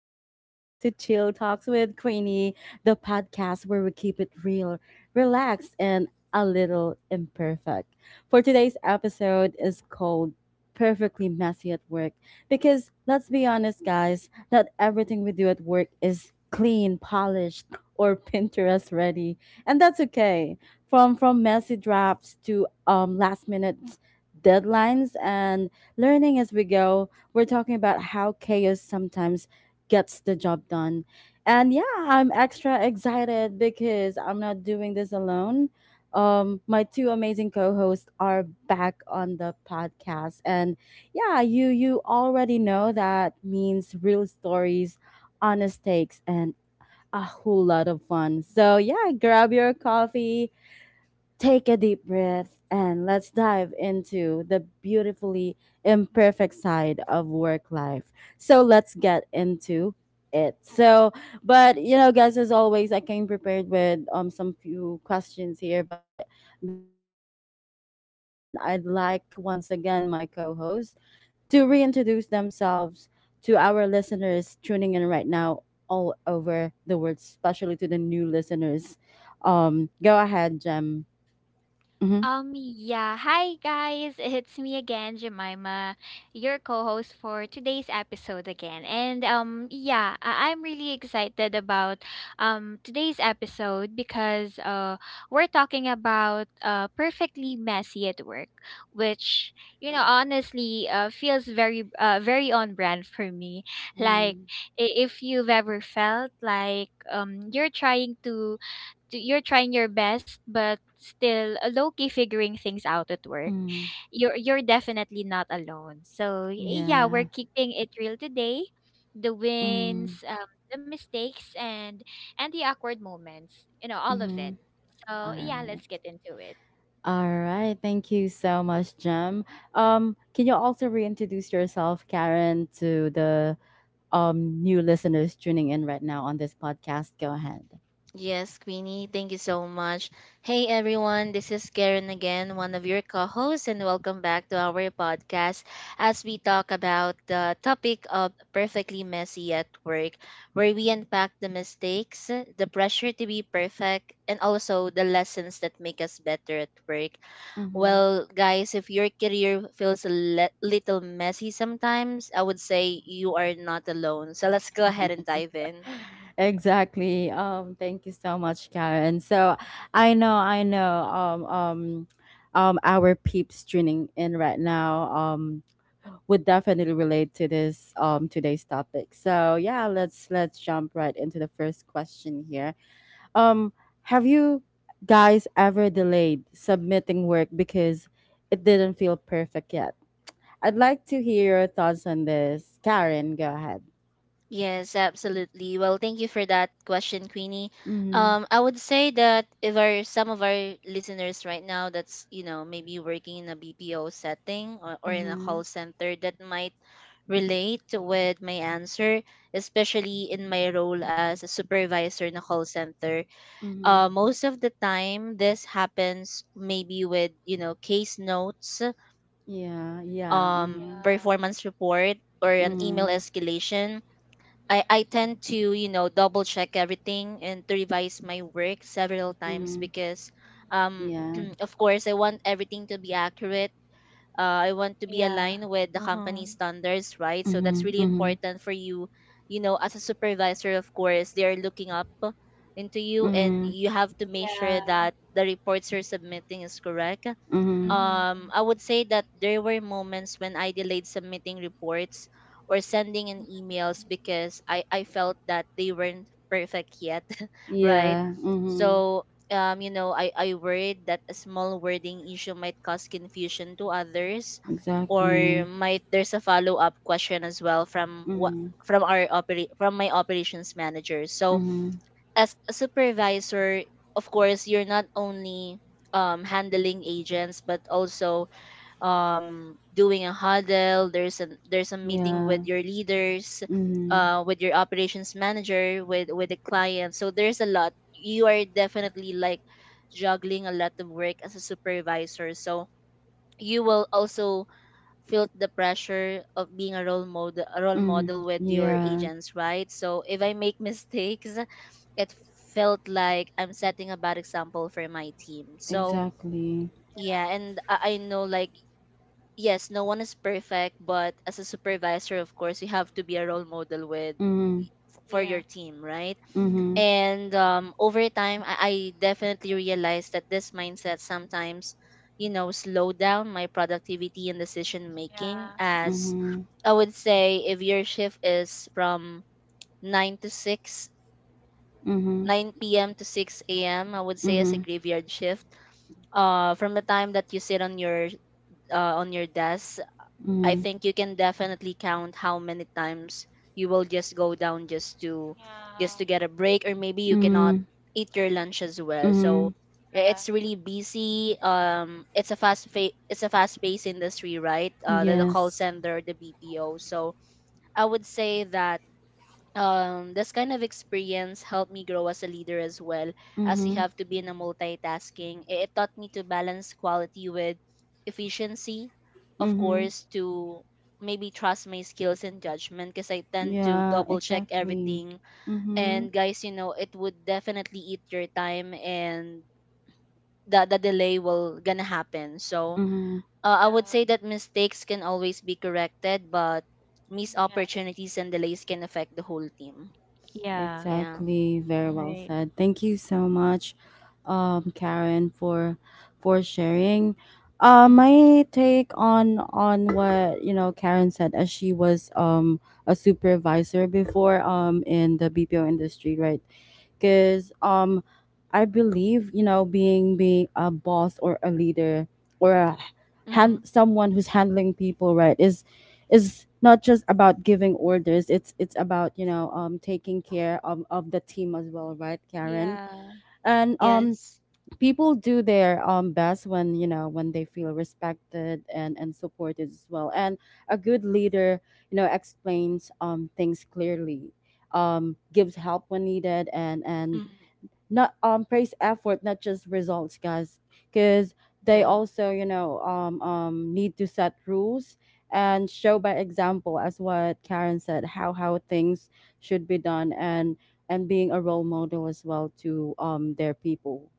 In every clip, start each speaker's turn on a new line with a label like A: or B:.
A: And welcome back to Chill Talks with Queenie, the podcast where we keep it real, relaxed, and a little imperfect. For today's episode is called Perfectly Messy at Work because let's be honest, guys, not everything we do at work is clean, polished, or Pinterest ready, and that's okay. From messy drafts to last minute deadlines and learning as we go we're talking about how chaos sometimes gets the job done. And yeah, I'm extra excited because I'm not doing this alone. My two amazing co-hosts are back on the podcast, and yeah, you already know that means real stories, honest takes, and a whole lot of fun. So yeah, grab your coffee, take a deep breath and let's dive into the beautifully imperfect side of work life. So let's get into it. But you know, guys, as always, I came prepared with some few questions here. But before we jump right into the first question, I'd like once again my co-host to reintroduce themselves to our listeners tuning in right now all over the world, especially to the new listeners. Go ahead, Jem. Mhm.
B: Yeah. Hi, guys. It's me again, Jemima, your co-host for today's episode again. I'm really excited about today's episode because we're talking about perfectly messy at work, which honestly, feels very on brand for me. Like
A: Mm.
B: if you've ever felt like you're trying to you're trying your best but still low key figuring things out at work,
A: Mm.
B: you're definitely not alone. So yeah, we're
A: Yeah.
B: keeping it real today: the
A: Mm.
B: wins, the mistakes, and the awkward moments, you know, all of it.
A: Mhm.
B: So
A: All
B: yeah, let's
A: right.
B: get into it.
A: All right. Thank you so much, Jem. Can you also reintroduce yourself, Karen, to the new listeners tuning in right now on this podcast. Go ahead.
C: Yes, Queenie, thank you so much. Hey everyone, this is Karen again, one of your co hosts, and welcome back to our podcast as we talk about the topic of perfectly messy at work, where we unpack the mistakes, the pressure to be perfect, and also the lessons that make us better at work.
A: Mm-hmm.
C: Well, guys, if your career feels a little messy sometimes, I would say you are not alone. So let's go ahead and dive in.
A: Exactly. Thank you so much, Karen. So I know, our peeps tuning in right now, would definitely relate to this, today's topic. So yeah, let's jump right into the first question here. Um, have you guys ever delayed submitting work because it didn't feel perfect yet? I'd like to hear your thoughts on this. Karen, go ahead.
C: Yes, absolutely. Well, thank you for that question, Queenie.
A: Mm-hmm.
C: I would say that if our some of our listeners right now that's, you know, maybe working in a BPO setting or in a
A: Mm-hmm.
C: call center that might relate with my answer, especially in my role as a supervisor in a call center. Most of the time, this happens maybe with, you know, case notes,
A: Yeah,
B: Mhm.
A: yeah,
C: performance
A: mhm,
B: Yeah.
C: report, or an email
A: mhm,
C: escalation. I
B: Mhm.
C: tend to, you know, double check everything and to revise my work several times
A: mhm,
C: because,
B: Mhm.
C: um,
A: yeah,
C: of course, I want everything to be accurate. I want to be
B: Yeah.
C: aligned with the
B: Uh-huh.
C: company standards, right? So that's
A: mhm,
C: really
A: mhm,
C: important for you. You know, as a supervisor, of course, they are looking up into you, and
A: mhm,
C: you have to make sure
B: Yeah.
C: that the reports you're submitting is correct.
A: mhm,
B: Mm-hmm.
C: I would say that there were moments when I delayed submitting reports or sending in emails because I felt that they weren't perfect yet, right?
A: yeah, mhm,
C: So, you know, I worried that a small wording issue might cause confusion to others, or
A: exactly,
C: might there's a follow-up question as well from what
A: mhm,
C: from my operations manager. So,
A: mhm,
C: as a supervisor, of course, you're not only handling agents, but also doing a huddle. There's a meeting
A: yeah,
C: with your leaders,
A: mhm,
C: with your operations manager, with the client. So there's a lot. You are definitely like juggling a lot of work as a supervisor. So you will also felt the pressure of being a role
A: mhm,
C: model with your
A: yeah,
C: agents, right? So if I make mistakes, it felt like I'm setting a bad example for my team. So
A: exactly,
C: yeah,
B: Yeah.
C: and I know, like, yes, no one is perfect, but as a supervisor, of course, you have to be a role model with
A: mhm,
C: for
B: Yeah.
C: your team, right?
A: mhm,
B: Mm-hmm.
C: And over time, I definitely realized that this mindset sometimes, you know, slow down my productivity and decision
B: Mhm.
C: making.
B: Yeah.
C: As
A: mhm,
C: I would say, if your shift is from 9 to 6,
A: mhm,
C: 9 p.m. to 6 a.m., I would say as a
A: mhm,
C: graveyard shift. From the time that you sit on your on your desk, I
A: mhm,
C: think you can definitely count how many times you will just go down, just to
B: Yeah.
C: get a break, or maybe you cannot
A: mhm,
C: eat your
B: Mhm.
C: lunch as well. So
A: mhm,
C: yeah,
B: Yeah.
C: it's really busy. It's a it's a fast paced industry, right? The call
A: yes,
C: center, the BPO. So I would say that this kind of experience helped me grow as a leader as well, as you
A: mhm,
C: have to be in a multitasking. It taught me to balance quality with efficiency, of
A: mhm,
C: course, to maybe trust my skills and judgment because I tend to
A: yeah,
C: double check
A: exactly,
C: everything.
A: mhm,
C: And guys, you know, it would definitely eat your time, and that the delay will gonna happen. So
A: mhm.
C: I would
B: Yeah.
C: say that mistakes can always be corrected, but missed
B: Yeah.
C: opportunities and delays can affect the whole team.
B: Yeah,
C: Yeah.
A: Exactly. Very well
B: right.
A: said. Thank you so much, Karen, for sharing.
C: Mhm.
A: My take on what you know Karen said as she was a supervisor before in the BPO industry, right? Because I believe you know being a boss or a leader or a
C: Mhm.
A: hand someone who's handling people, right, is not just about giving orders. It's about you know taking care of the team as well, right, Karen?
B: Yeah.
A: And
C: Yes.
A: people do their best when you know when they feel respected and supported as well and a good leader you know explains things clearly, gives help when needed, and
C: Mhm.
A: not praise effort, not just results, guys. Because they
C: Yeah.
A: also you know need to set rules and show by example, as what Karen said, how things should be done and being a role model as well to their people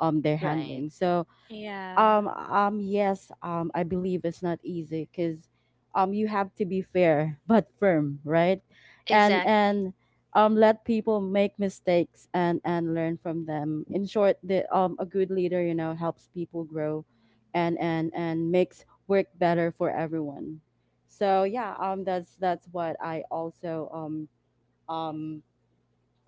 A: they're
C: Right.
A: handling, so
B: Yeah.
A: yes, I believe it's not easy because you have to be fair but firm, right? And
C: Exactly.
A: and let people make mistakes and learn from them. In short, the a good leader, you know, helps people grow, and makes work better for everyone. So yeah, that's what I also um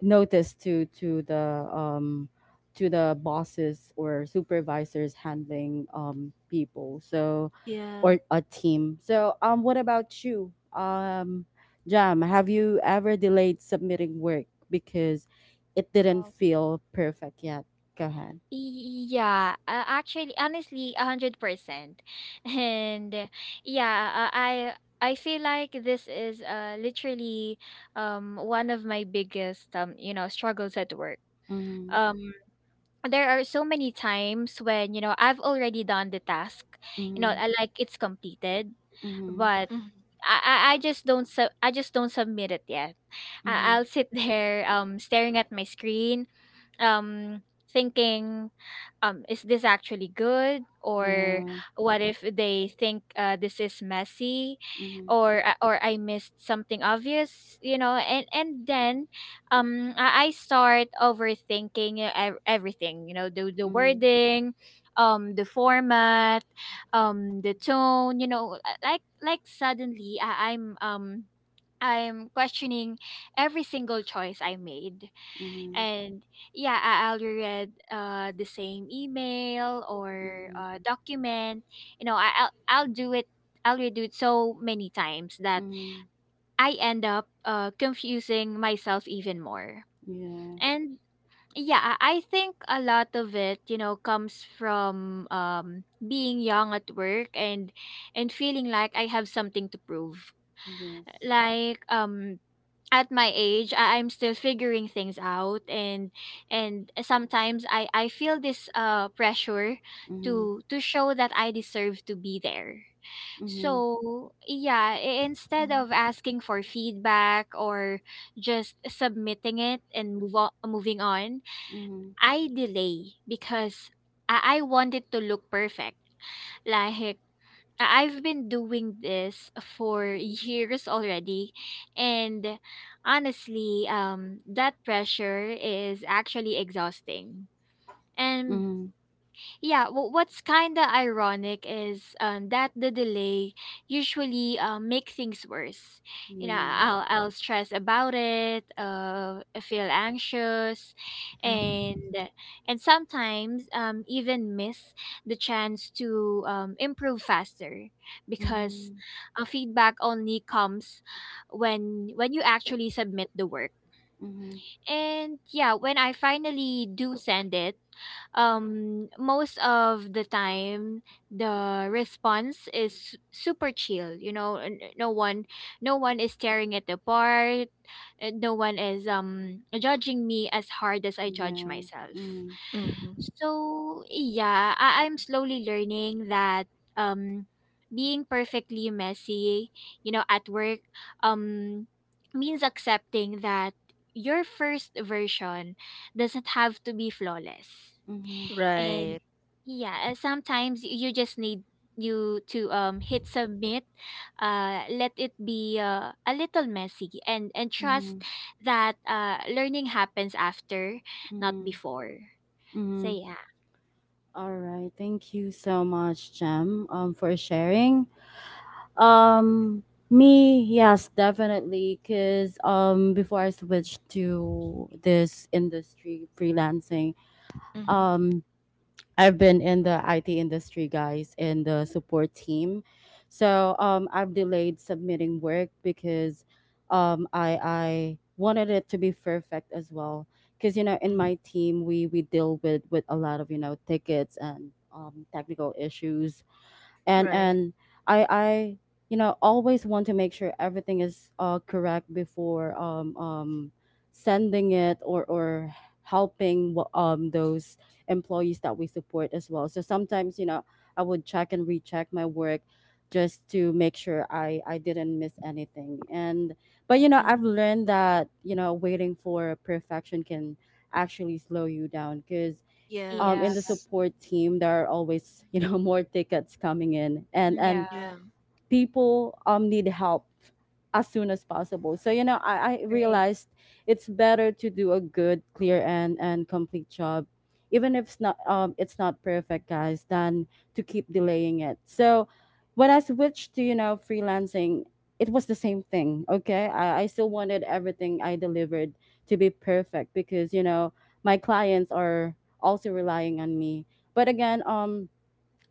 A: notice to the to the bosses or supervisors handling people, so
C: Yeah.
A: or a team, so what about you, Jam, have you ever delayed submitting work because it didn't
B: Um,
A: feel perfect yet? Go ahead.
B: yeah, actually, honestly, 100%, and uh, yeah, uh, I I feel like this is literally one of my biggest struggles at work.
A: Mm-hmm,
B: Um, there are so many times when, you know, I've already done the task, you know,
A: mm-hmm,
B: I like it's completed,
A: mm-hmm,
B: but
C: Mhm.
B: I just don't sub I just don't submit it yet.
A: mm-hmm.
B: I'll sit there staring at my screen, um thinking, is this actually good? Or
A: yeah
B: what if they think this is messy,
A: mm-hmm,
B: or I missed something obvious, you know? And then I start overthinking everything, you know: the
A: mm-hmm,
B: wording, the format, the tone. You know, like suddenly I'm questioning every single choice I made.
A: mm-hmm,
B: And yeah, I'll read the same email or
A: mm-hmm,
B: document, you know, I'll redo it so many times that
A: mm-hmm.
B: I end up confusing myself even more.
A: yeah
B: And yeah, I think a lot of it, you know, comes from being young at work, and feeling like I have something to prove.
A: yes
B: Like, at my age I'm still figuring things out, and sometimes I feel this pressure
A: mm-hmm,
B: to show that I deserve to be there.
A: mm-hmm,
B: So yeah, instead
C: Mhm.
B: of asking for feedback or just submitting it and move on, moving on,
A: mm-hmm.
B: I delay because I want it to look perfect. Like, I- I've been doing this for years already. And honestly, that pressure is actually exhausting. And
A: Mm-hmm.
B: yeah, what's kind of ironic is that the delay usually make things worse. You know,
A: Yeah.
B: I'll stress about it, I feel anxious, and
C: Mhm.
B: sometimes even miss the chance to improve faster, because
A: Mhm.
B: feedback only comes when you actually submit the work.
A: Mhm.
B: And yeah, when I finally do send it, most of the time the response is super chill. You know, no one is tearing it apart, no one is judging me as hard as I judge
A: Yeah.
B: myself.
A: Mhm.
C: Mhm.
B: So yeah, I'm slowly learning that um being perfectly messy, you know, at work um means accepting that your first version doesn't have to be flawless.
A: Mhm.
B: And
C: Right.
B: yeah, sometimes you just need you to hit submit, let it be a little messy, and trust
A: Mhm.
B: that learning happens after, not
A: Mhm.
B: before. So
A: Mhm.
B: yeah.
A: All right. Thank you so much, Jem, for sharing. Um, Me, yes, definitely. Cause before I switched to this industry, freelancing,
C: Mhm.
A: um, I've been in the IT industry, guys, in the support team. So I've delayed submitting work because I wanted it to be perfect as well. Because you know, in
C: Mhm.
A: my team, we deal with a lot of you know tickets and technical issues
C: Right.
A: and I you know always want to make sure everything is correct before sending it or helping those employees that we support as well. So sometimes you know I would check and recheck my work just to make sure I didn't miss anything. And but you know
C: Mhm.
A: I've learned that you know waiting for perfection can actually slow you down because
B: Yeah.
A: in the
C: Yes.
A: support team, there are always you know more tickets coming in, and
C: Yeah.
B: Yeah.
A: people need help as soon as possible. So you know, I
B: Great.
A: realized it's better to do a good, clear, and complete job, even if it's not perfect, guys, than to keep delaying it. So when I switched to you know freelancing, it was the same thing. Okay, I still wanted everything I delivered to be perfect because you know my clients are also relying on me. But again,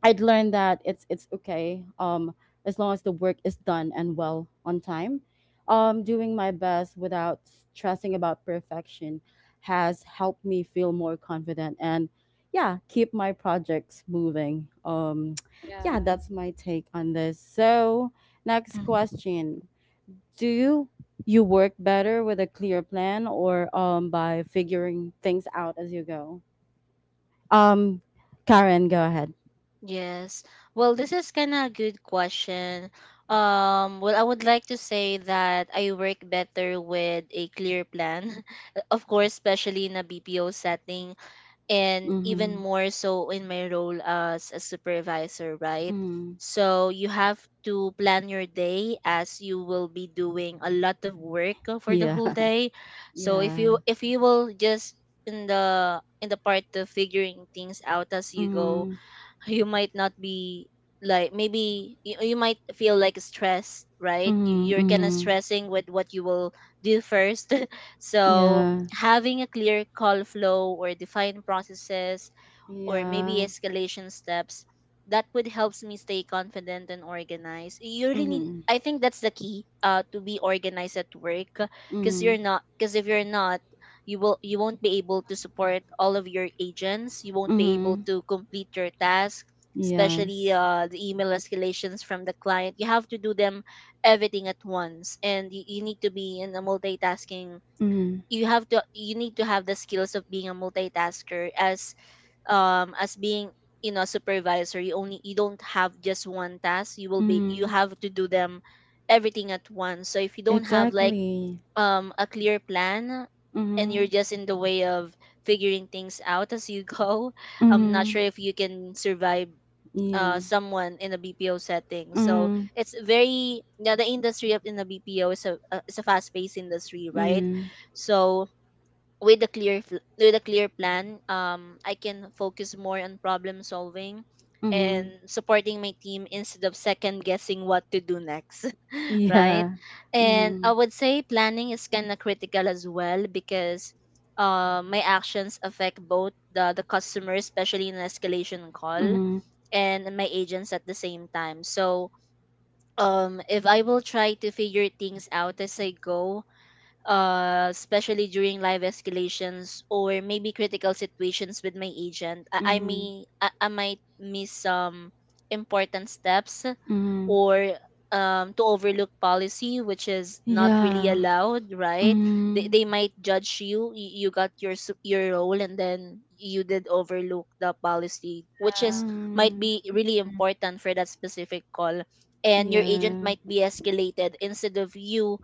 A: I'd learned that it's okay, as long as the work is done and well on time. Doing my best without stressing about perfection has helped me feel more confident and yeah, keep my projects moving. Yeah,
B: Yeah.
A: that's my take on this. So next
C: Mhm.
A: question: do you work better with a clear plan or by figuring things out as you go? Um, Karen, go ahead.
C: Yes. Well, this is kind of a good question. Well, I would like to say that I work better with a clear plan. Of course, especially in a BPO setting, and even
A: Mm-hmm.
C: more so in my role as a supervisor, right?
A: Mm-hmm.
C: So you have to plan your day, as you will be doing a lot of work for the
A: Yeah.
C: whole day. So
A: Yeah.
C: if you will just in the part of figuring things out as you go,
A: Mhm.
C: you might not be, like, maybe you might feel like stressed, right?
A: Mhm.
C: You're kind of
A: Mhm.
C: stressing with what you will do first. So
A: Yeah.
C: having a clear call flow or defined processes or maybe
A: Yeah.
C: escalation steps, that would helps me stay confident and organized. You really need,
A: Mhm.
C: I think that's the key, to be organized at work.
A: Mhm.
C: Because if you're not, you won't be able to support all of your agents. You won't be able
A: Mhm.
C: to complete your task, especially
A: Yes.
C: the email escalations from the client. You have to do them everything at once, and you need to be in a multitasking.
A: Mhm.
C: You need to have the skills of being a multitasker as being, you know, supervisor. You only, you don't have just one task. You will be, you
A: Mhm.
C: have to do them everything at once. So if you don't have like
A: Exactly.
C: a clear plan, and you're
A: Mhm.
C: just in the way of figuring things out as you go, I'm not
A: Mhm.
C: sure if you can survive
A: Yeah.
C: someone in a BPO setting. So
A: Mhm.
C: it's very, yeah, the industry of in the BPO is a, is a fast paced industry, right?
A: Mhm.
C: So with a clear plan, I can focus more on problem solving and
A: Mhm.
C: supporting my team instead of second guessing what to do next. Right.
A: Yeah.
C: And I
A: Mhm.
C: would say planning is kind of critical as well, because my actions affect both the customer, especially in an escalation call,
A: Mhm.
C: and my agents at the same time. So if I will try to figure things out as I go, especially during live escalations or maybe critical situations with my agent,
A: Mhm.
C: I might miss some important steps,
A: Mhm.
C: or to overlook policy, which is not really
A: Yeah.
C: allowed, right?
A: Mhm.
C: They might judge you. You got your your role, and then you did overlook the policy, which is
B: Yeah.
C: might
A: Mhm.
C: be really
B: Mm.
C: important for that specific call. And your agent
A: Yeah.
C: might be escalated instead of you,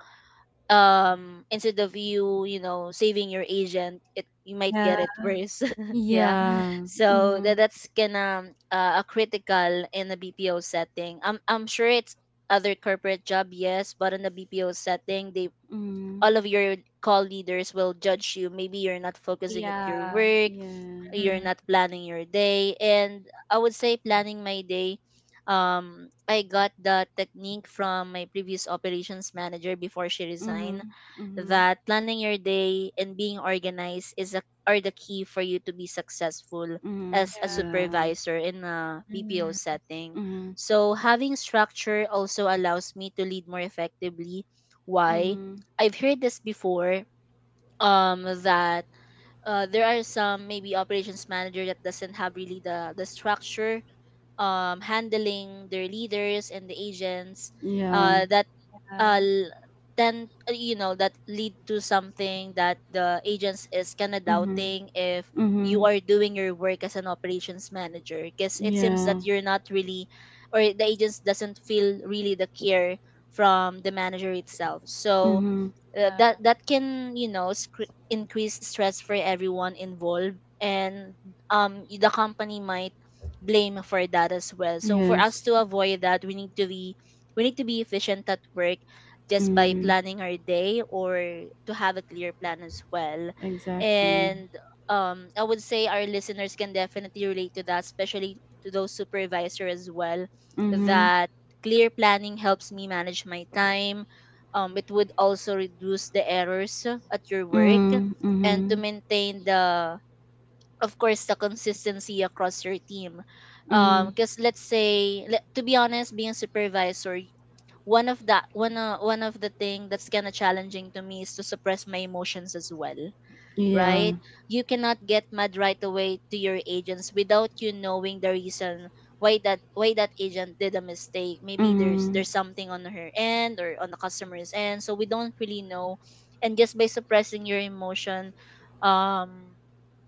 C: you know, saving your agent. It, you might get
B: Yeah.
C: it worse. Yeah.
B: Mm-hmm.
A: Yeah.
C: So that,
A: Mhm.
C: that's gonna a critical in the BPO setting. I'm sure it's other corporate job, yes, but in the BPO setting, they,
A: Mhm.
C: all of your call leaders will judge you. Maybe you're not focusing at your
B: Yeah.
C: work,
A: Yeah.
C: you're
B: Mm.
C: not planning your day. And I would say planning my day, I got the technique from my previous operations manager before she resigned,
A: Mhm. Mhm.
C: that planning your day and being organized is a, are the key for you to be successful
A: Mhm.
C: as a
B: Yeah.
A: Yeah.
C: supervisor in a BPO
B: Mm-hmm.
C: setting.
A: Mhm.
C: So having structure also allows me to lead more effectively. Why?
A: Mhm.
C: I've heard this before, that there are some maybe operations manager that doesn't have really the structure, handling their leaders and the agents,
A: Yeah.
C: uh, that uh,
B: Yeah.
C: l- tend you know, that lead to something that the agents is kind of
A: Mhm.
C: doubting if you
A: Mhm.
C: are doing your work as an operations manager, because it seems that
A: Yeah.
C: you're not really, or the agents doesn't feel really the care from the manager itself. So
A: Mhm.
C: that
B: Yeah.
C: that can, you know, increase stress for everyone involved. And the company might blame for that as well. So for us
A: Yes.
C: to avoid that, we need to be, we need to be efficient at work just by
A: Mhm.
C: planning our day, or to have a clear plan as well.
A: Exactly.
C: And I would say our listeners can definitely relate to that, especially to those supervisor as well,
A: Mhm.
C: that clear planning helps me manage my time. It would also reduce the errors at your work
A: Mhm.
C: and to
A: Mhm.
C: maintain the, of course, the consistency across your team
A: Mhm.
C: because to be honest, being a supervisor, one of the thing that's kind of challenging to me is to suppress my emotions as well,
A: Yeah.
C: right? You cannot get mad right away to your agents without you knowing the reason why that agent did a mistake. Maybe there's
A: Mhm.
C: there's something on her end or on the customer's end, so we don't really know. And just by suppressing your emotion, um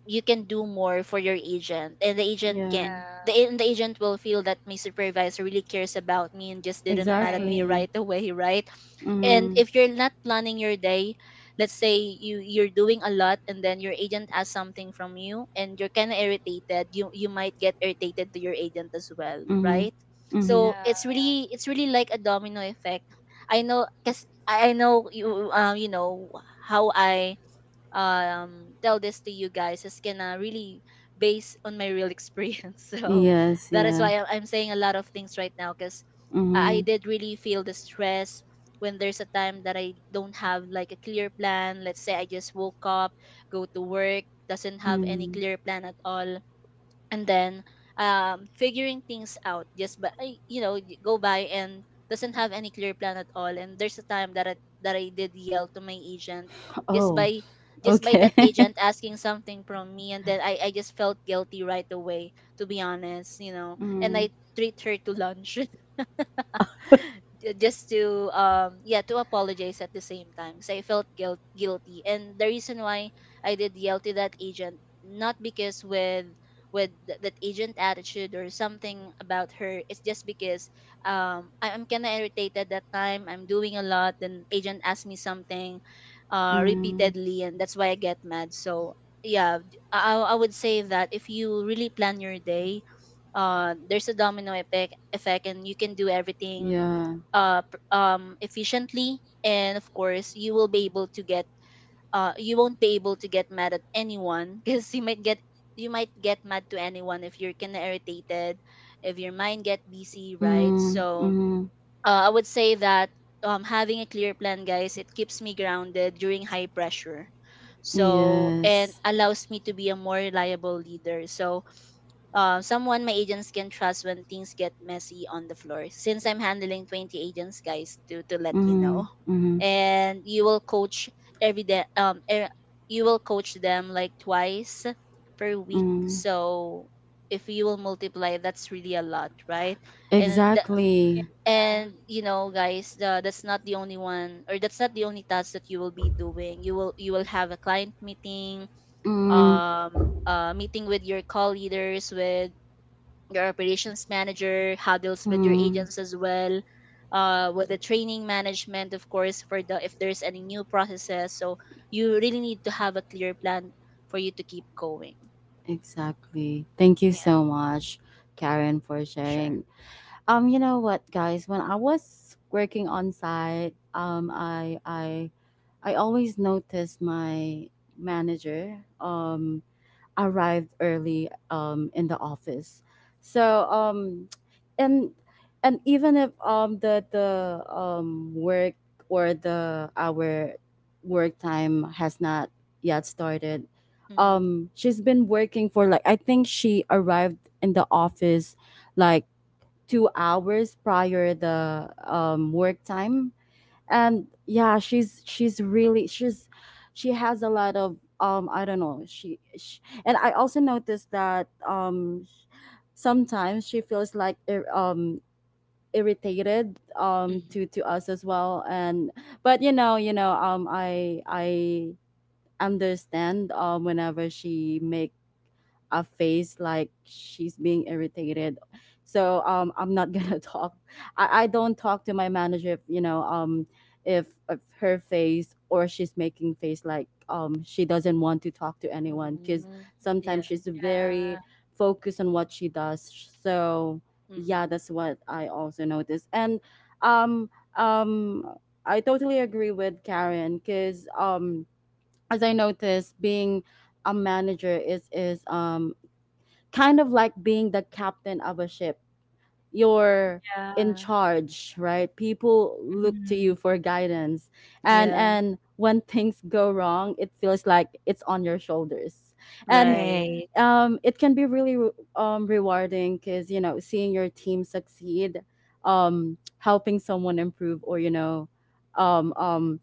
C: you can do more for your agent and the agent
A: Yeah.
C: can the,
B: Yeah.
C: and the agent will feel that my supervisor really cares about me and just didn't
B: You're
C: mad at me
B: right.
A: Exactly.
C: right away, right? And
A: Mhm.
C: if you're not planning your day, let's say you're doing a lot and then your agent asks something from you and you're kind of irritated, you might get irritated to your agent as well,
A: Mhm.
C: right? So
A: Mhm.
C: it's
B: Yeah.
C: really it's really like a domino effect. I know because I know you, you know how I tell this to you guys is gonna really base on my real experience. So
A: Yes.
C: that is
A: Yeah.
C: why I'm saying a lot of things right now because I
A: Mhm.
C: did really feel the stress when there's a time that I don't have like a clear plan. Let's say I just woke up, go to work, doesn't have any
A: Mhm.
C: clear plan at all, and then figuring things out just by, go by and doesn't have any clear plan at all. And there's a time that that I did yell to my agent, just
A: Oh.
C: by just by that
A: Okay.
C: agent asking something from me, and then I just felt guilty right away, to be honest, you know, and I
A: mhm.
C: treat her to lunch. Just to yeah, to apologize at the same time because I felt guilty. And the reason why I did yell to that agent not because with that agent attitude or something about her, it's just because I'm kind of irritated that time, I'm doing a lot and agent asked me something
A: Mhm.
C: repeatedly, and that's why I get mad. So yeah, I would say that if you really plan your day, there's a domino effect and you can do everything
A: Yeah.
C: efficiently, and of course you will be able to get, you won't be able to get mad at anyone because you might get mad to anyone if you're kind of irritated, if your mind get busy, right?
A: Mm-hmm.
C: So
A: Mm-hmm.
C: I would say that having a clear plan, guys, it keeps me grounded during high pressure, so and
A: Yes.
C: allows me to be a more reliable leader. So someone my agents can trust when things get messy on the floor. Since I'm handling 20 agents, guys, to let you
A: Mhm,
C: know,
A: mhm,
C: and you will coach every day. You will coach them like twice per week.
A: mhm.
C: So if you will multiply, that's really a lot, right? And
A: Exactly.
B: Yeah.
C: and you know, guys, that's not the only one, or that's not the only task that you will be doing. You will have a client meeting,
A: Mm,
C: meeting with your call leaders, with your operations manager, how with your
A: mm,
C: agents as well, with the training management, of course, for the if there's any new processes. So you really need to have a clear plan for you to keep going.
A: exactly. Thank you
C: Yeah.
A: so much, Karen, for
C: Sure.
A: sharing. You know what, guys? When I was working on site, I always noticed my manager. Arrived early in the office. So and and even if the work or the our work time has not yet started,
C: Mm.
A: she's been working for like I think she arrived in the office like 2 hours prior the work time and yeah she's really she's she has a lot of I don't know, she and I also noticed that sometimes she feels like irritated
C: Mm.
A: to us as well, and but you know I understand whenever she make a face like she's being irritated. So I'm not gonna talk. I don't talk to my manager if you know if her face or she's making face like she doesn't want to talk to anyone because
C: Mm.
A: sometimes
C: Yeah.
A: she's very
B: Yeah.
A: focused on what she does. So yeah,
C: Mm.
A: that's what I also noticed. And um, um, I totally agree with Karen because as I noticed, being a manager is kind of like being the captain of a ship. You're
B: Yeah.
A: in charge, right? People look to you
B: Mhm.
A: for guidance. And
C: Yeah.
A: and when things go wrong, it feels like it's on your shoulders. And
C: Right.
B: Right.
A: it can be really rewarding because, you know, seeing your team succeed, helping someone improve, or, you know, um, um,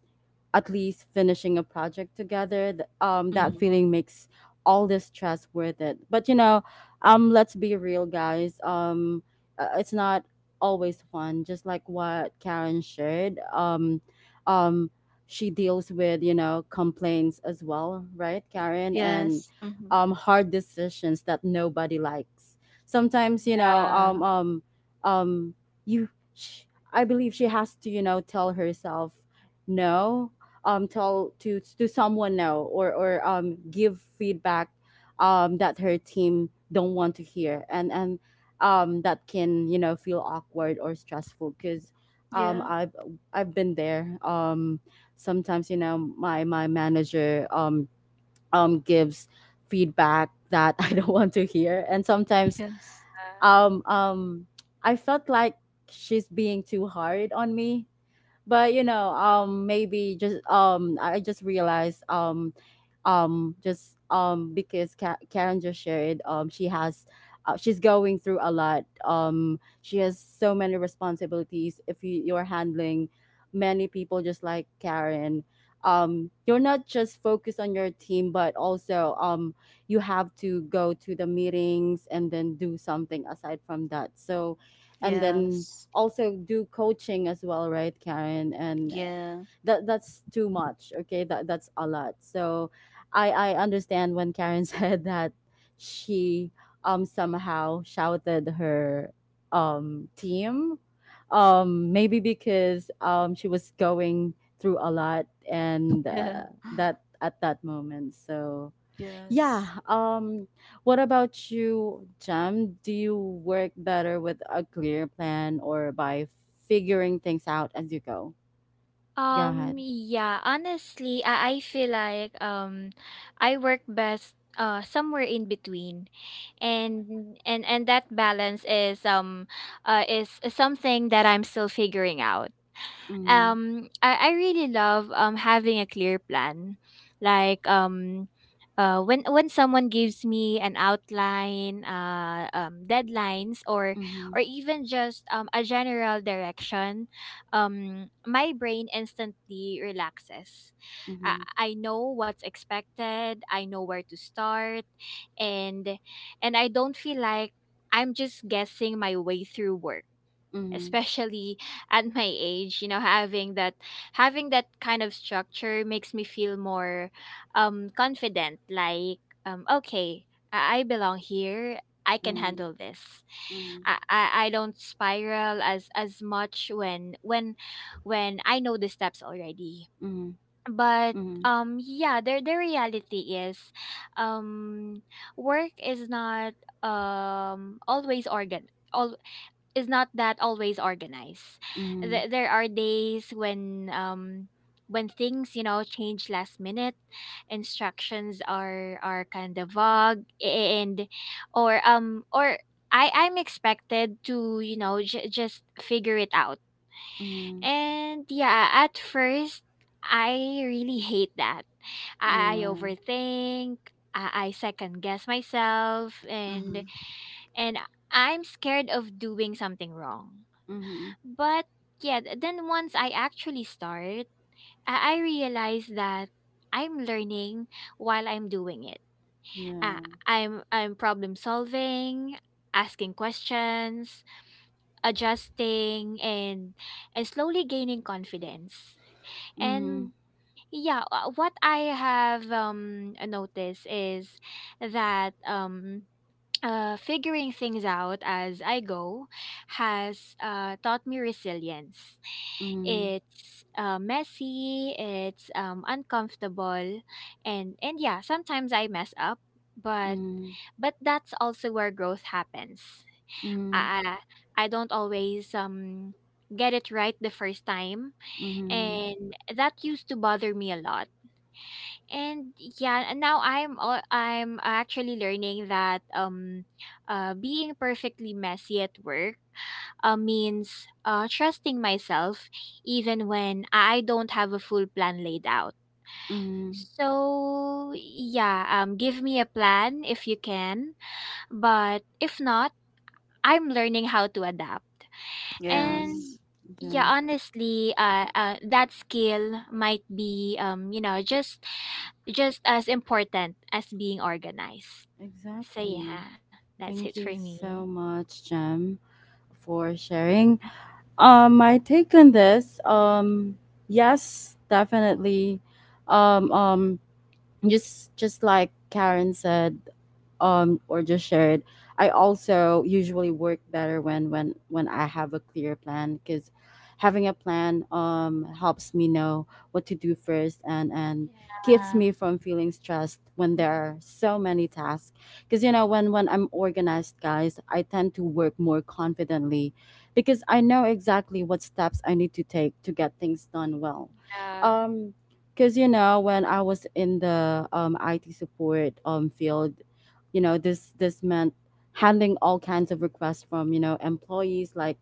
A: at least finishing a project together. That
C: Mm.
A: feeling makes all the stress worth it. But you know, let's be real, guys. It's not always fun. Just like what Karen shared. Um, she deals with you know complaints as well, right, Karen? And
C: Yes. Mm.
A: hard decisions that nobody likes. Sometimes you know,
B: Yeah.
A: um, you. Sh- I believe she has to, you know, tell herself no, tell to someone no, or give feedback that her team don't want to hear, and that can you know feel awkward or stressful because um
C: Yeah.
A: I've I've been there, sometimes you know my manager gives feedback that I don't want to hear and sometimes
C: Yes.
A: um um I felt like she's being too hard on me but you know maybe just I just realized just because Karen just shared she has she's going through a lot, she has so many responsibilities if you're handling many people just like Karen. You're not just focused on your team but also you have to go to the meetings and then do something aside from that, so and then
C: Yes.
A: also do coaching as well, right, Karen? And
C: Yeah.
A: that's too much. Okay, that's a lot. So I understand when Karen said that she somehow shouted her team maybe because she was going through a lot and
C: Yeah.
A: that at that moment so
C: Yes.
A: yeah. What about you, Jam? Do you work better with a clear plan or by figuring things out as you go? Go ahead.
B: Yeah, honestly, I feel like I work best somewhere in between. And that balance is something that I'm still figuring out.
A: Mm-hmm.
B: I really love having a clear plan. Like, when someone gives me an outline, deadlines, or
A: Mm-hmm.
B: even just a general direction, my brain instantly relaxes.
A: Mm-hmm.
B: I know what's expected, I know where to start, and I don't feel like I'm just guessing my way through work. Especially at my age, you know, having that kind of structure makes me feel more confident. Like, okay, I belong here, I can
A: Mm-hmm.
B: handle this.
A: Mm-hmm.
B: I don't spiral as much when I know the steps already.
A: Mm-hmm. Mm-hmm.
B: But
A: Mm-hmm.
B: yeah, the reality is um work is um always organ not that always organized.
A: Mm-hmm.
B: There are days when things, you know, change last minute, instructions are kind of vague, and or I I'm expected to, you know, just figure it out.
A: Mm-hmm.
B: And yeah, at first I really hate that. I
A: Yeah.
B: overthink. I second guess myself, and
C: Mm.
B: and I'm scared of doing something wrong.
A: Mm-hmm.
B: But yeah, then once I actually start, I realize that I'm learning while I'm doing it.
A: Yeah.
B: I'm problem solving, asking questions, adjusting, and slowly gaining confidence.
A: Mm-hmm.
B: And yeah, what I have noticed is that figuring things out as I go has taught me resilience.
A: Mm-hmm.
B: It's messy, it's uncomfortable, and yeah, sometimes I mess up, but
A: Mm-hmm.
B: that's also where growth happens.
A: Mm-hmm.
B: I I don't always get it right the first time,
A: Mm-hmm.
B: and that used to bother me a lot. And yeah, and now I'm al- I'm actually learning that being perfectly messy at work means trusting myself even when I don't have a full plan laid out.
A: Mm-hmm.
B: So yeah, give me a plan if you can, but if not, I'm learning how to adapt.
A: Mm-hmm.
C: Yes.
B: And yeah,
A: Yeah.
B: honestly, that skill might be, you know, just as important as being organized. So
A: Exactly.
B: yeah, that's it
A: Thank
B: for
A: you
B: me.
A: so much, Jem, for sharing. My take on this, yes, definitely. Um, um, just like Karen said or just shared, I also usually work better when when I have a clear plan because having a plan helps me know what to do first, and keeps me
C: Mm-hmm.
A: from feeling stressed when there are so many tasks, because you know when I'm organized, guys, I tend to work more confidently because I know exactly what steps I need to take to get things done well.
B: Yeah.
A: um because you know when I was in the IT support field, you know this meant handling all kinds of requests from you know employees, like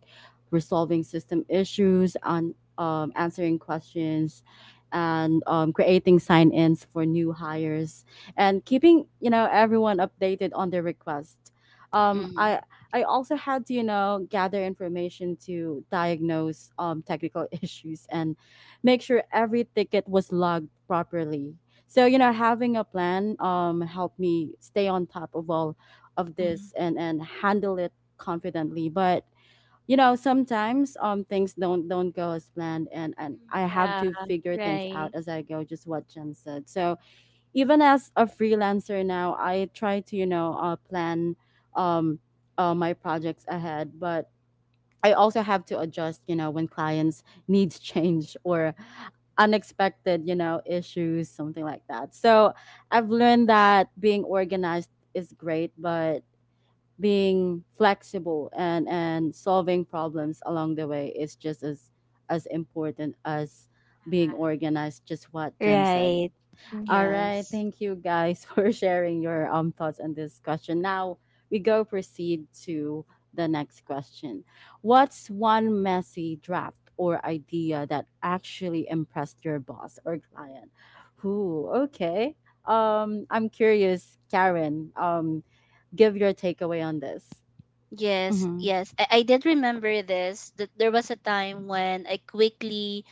A: resolving system issues on answering questions and creating sign-ins for new hires and keeping you know everyone updated on their request. Um,
C: Mm-hmm.
A: I I also had to you know gather information to diagnose technical issues and make sure every ticket was logged properly. So, you know, having a plan helped me stay on top of all of
C: Mm-hmm.
A: this and, handle it confidently. But, you know, sometimes things don't go as planned, and, I have
B: Yeah.
A: to figure things
B: Right.
A: out as I go, just what Jen said. So even as a freelancer now, I try to, you know, plan um, my projects ahead. But I also have to adjust, you know, when clients needs change or unexpected, you know, issues, something like that. So I've learned that being organized is great, but being flexible and solving problems along the way is just as important as being organized, just what Jim said.
B: Right.
A: All
B: Mm-hmm.
A: right,
C: Yes.
A: thank you guys for sharing your thoughts on this question. Now we go proceed to the next question. What's one messy draft or idea that actually impressed your boss or client? Who? Okay. I'm curious, Karen. Give your takeaway on this.
C: Yes,
A: Mm-hmm.
C: yes. I did remember this, that there was a time when I quickly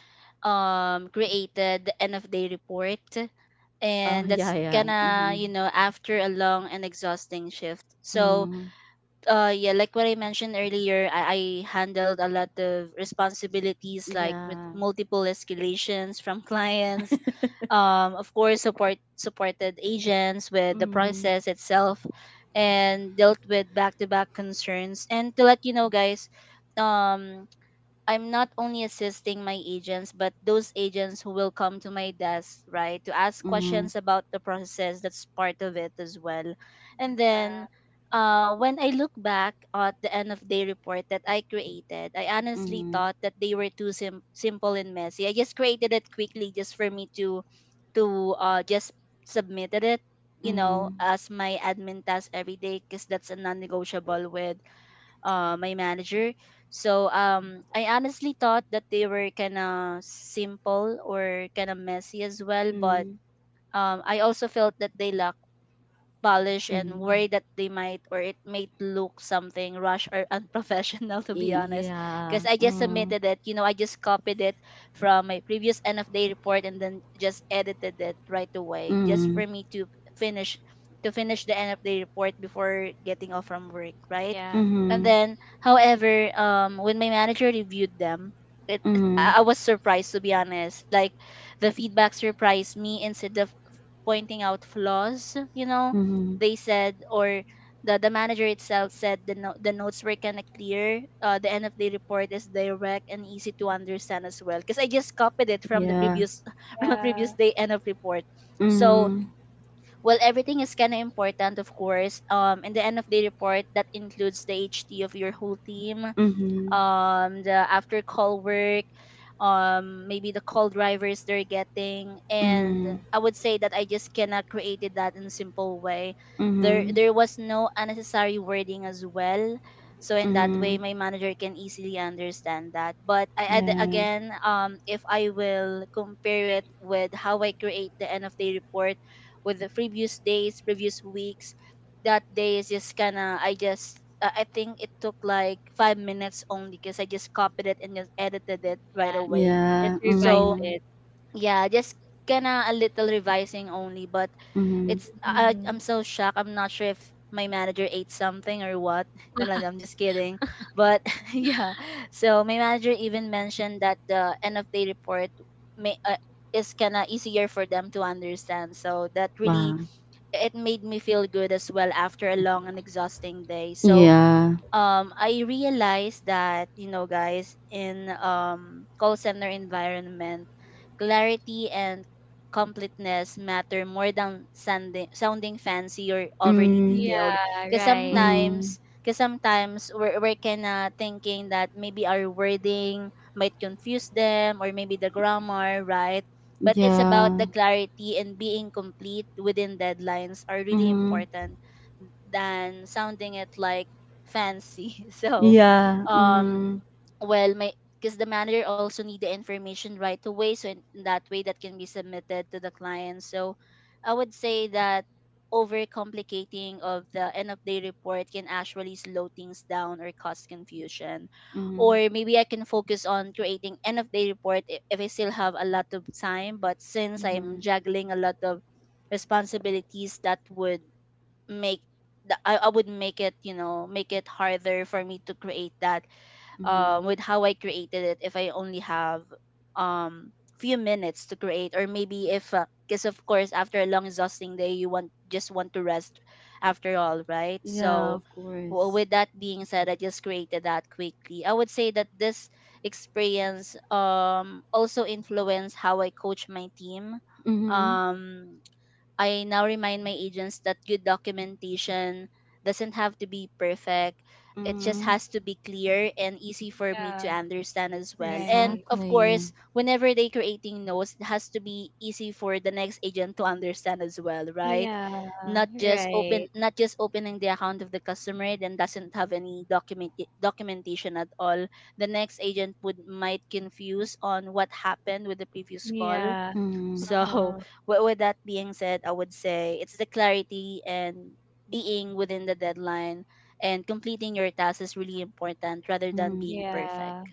C: created the end of day report,
A: Oh
C: and
A: yeah,
C: that's
A: yeah.
C: kinda,
A: Mm-hmm.
C: you know, after a long and exhausting shift. So
A: Mm-hmm.
C: yeah, like what I mentioned earlier, I handled a lot of responsibilities, like with
A: Yeah.
C: multiple escalations from clients, of course supported agents with the
A: Mm-hmm.
C: process itself, and dealt with back-to-back concerns. And to let you know, guys, um I'm not only assisting my agents, but those agents who will come to my desk, right, to ask
A: Mm-hmm.
C: questions about the process. That's part of it as well. And then when I look back at the end of day report that I created, I honestly
A: Mm-hmm.
C: thought that they were too simple and messy. I just created it quickly just for me to just submitted it, you know, as my admin task every day, because that's a non-negotiable with my manager. So I honestly thought that they were kind of simple or kind of messy as well, but
A: Mm-hmm.
C: I also felt that they lack polish and
A: Mm-hmm.
C: worry that they might, or it might look something rush or unprofessional, to
A: E,
C: be honest, because
A: yeah.
C: I just
A: Mm.
C: submitted it, you know, I just copied it from my previous end of day report and then just edited it right away just
A: Mm.
C: for me finish to finish the end of day report before getting off from work, right?
B: Yeah.
C: And
A: Mhm.
C: then however, when my manager reviewed them, it
A: Mhm.
C: I was surprised, to be honest, like the feedback surprised me. Instead of pointing out flaws, you know,
A: Mhm.
C: they said or the manager itself said the the notes were kind of clear. The end of the report is direct and easy to understand as well, because I just copied it from the
A: Yeah.
C: previous from the
B: Yeah.
C: previous day end of report. So
A: Mhm.
C: well, everything is kind of important, of course. In the end of the report, that includes the HT of your whole team,
A: Mhm.
C: the after call work, maybe the call drivers they're getting. And
A: Mhm.
C: I would say that I just cannot created that in simple way. there
A: Mhm.
C: there was no unnecessary wording as well, so in that way
A: Mhm.
C: my manager can easily understand that. But I add
A: Yeah.
C: again, if I will compare it with how I create the end of day report with the previous days, previous weeks, that day is just kind of, I think it took like 5 minutes only, because I just copied it and just edited it right
B: Yeah.
C: away.
B: Just
A: Yeah.
B: revise
C: So
A: Mhm.
B: it.
C: yeah, just kinda a little revising only. But
A: Mhm.
C: it's,
B: Mm-hmm.
C: I'm so shocked. I'm not sure if my manager ate something or what. No, no, no, I'm just kidding. But yeah, so my manager even mentioned that the end of day report may is kinda easier for them to understand. So that really
A: Wow.
C: it made me feel good as well after a long and exhausting day. So,
A: Yeah.
C: I realized that, you know, guys, in call center environment, clarity and completeness matter more than sounding fancy or overly
A: Mm.
C: detailed.
B: Yeah.
C: Because
B: Right.
A: Mhm.
C: sometimes we're kind of thinking that maybe our wording might confuse them or maybe the grammar, right? But it's about
A: Yeah.
C: the clarity, and being complete within deadlines are really
A: Mhm.
C: important than sounding it like fancy. So,
A: Yeah.
C: um,
A: Mhm.
C: well, my because the manager also need the information right away, so in, that way that can be submitted to the client. So, I would say that overcomplicating of the end of day report can actually slow things down or cause confusion.
A: Mhm.
C: Or maybe I can focus on creating end of day report if I still have a lot of time. But since I'm
A: Mhm.
C: juggling a lot of responsibilities, that would make I would make it, you know, make it harder for me to create that
A: Mhm.
C: with how I created it if I only have um few minutes to create. Or maybe if, because of course after a long exhausting day, you want just want to rest after all, right?
A: Yeah.
C: So
A: Of course.
C: with that being said, I just created that quickly. I would say that this experience also influenced how I coach my team.
A: Mhm.
C: um I now remind my agents that good documentation doesn't have to be perfect. It just
A: Mhm.
C: has to be clear and easy for me to
B: Yeah.
C: understand as well. And
B: Right.
C: of
A: Exactly.
C: course, whenever they creating notes, it has to be easy for the next agent to understand as well, right?
B: Yeah. Right.
C: Not just opening the account of the customer, then doesn't have any documentation at all. The next agent would might confuse on what happened with the previous call.
B: Yeah.
A: Mhm.
C: So
B: Yeah.
C: with that being said, I would say it's the clarity and being within the deadline and completing your task is really important rather than
A: Mhm.
C: being perfect.
B: Yeah.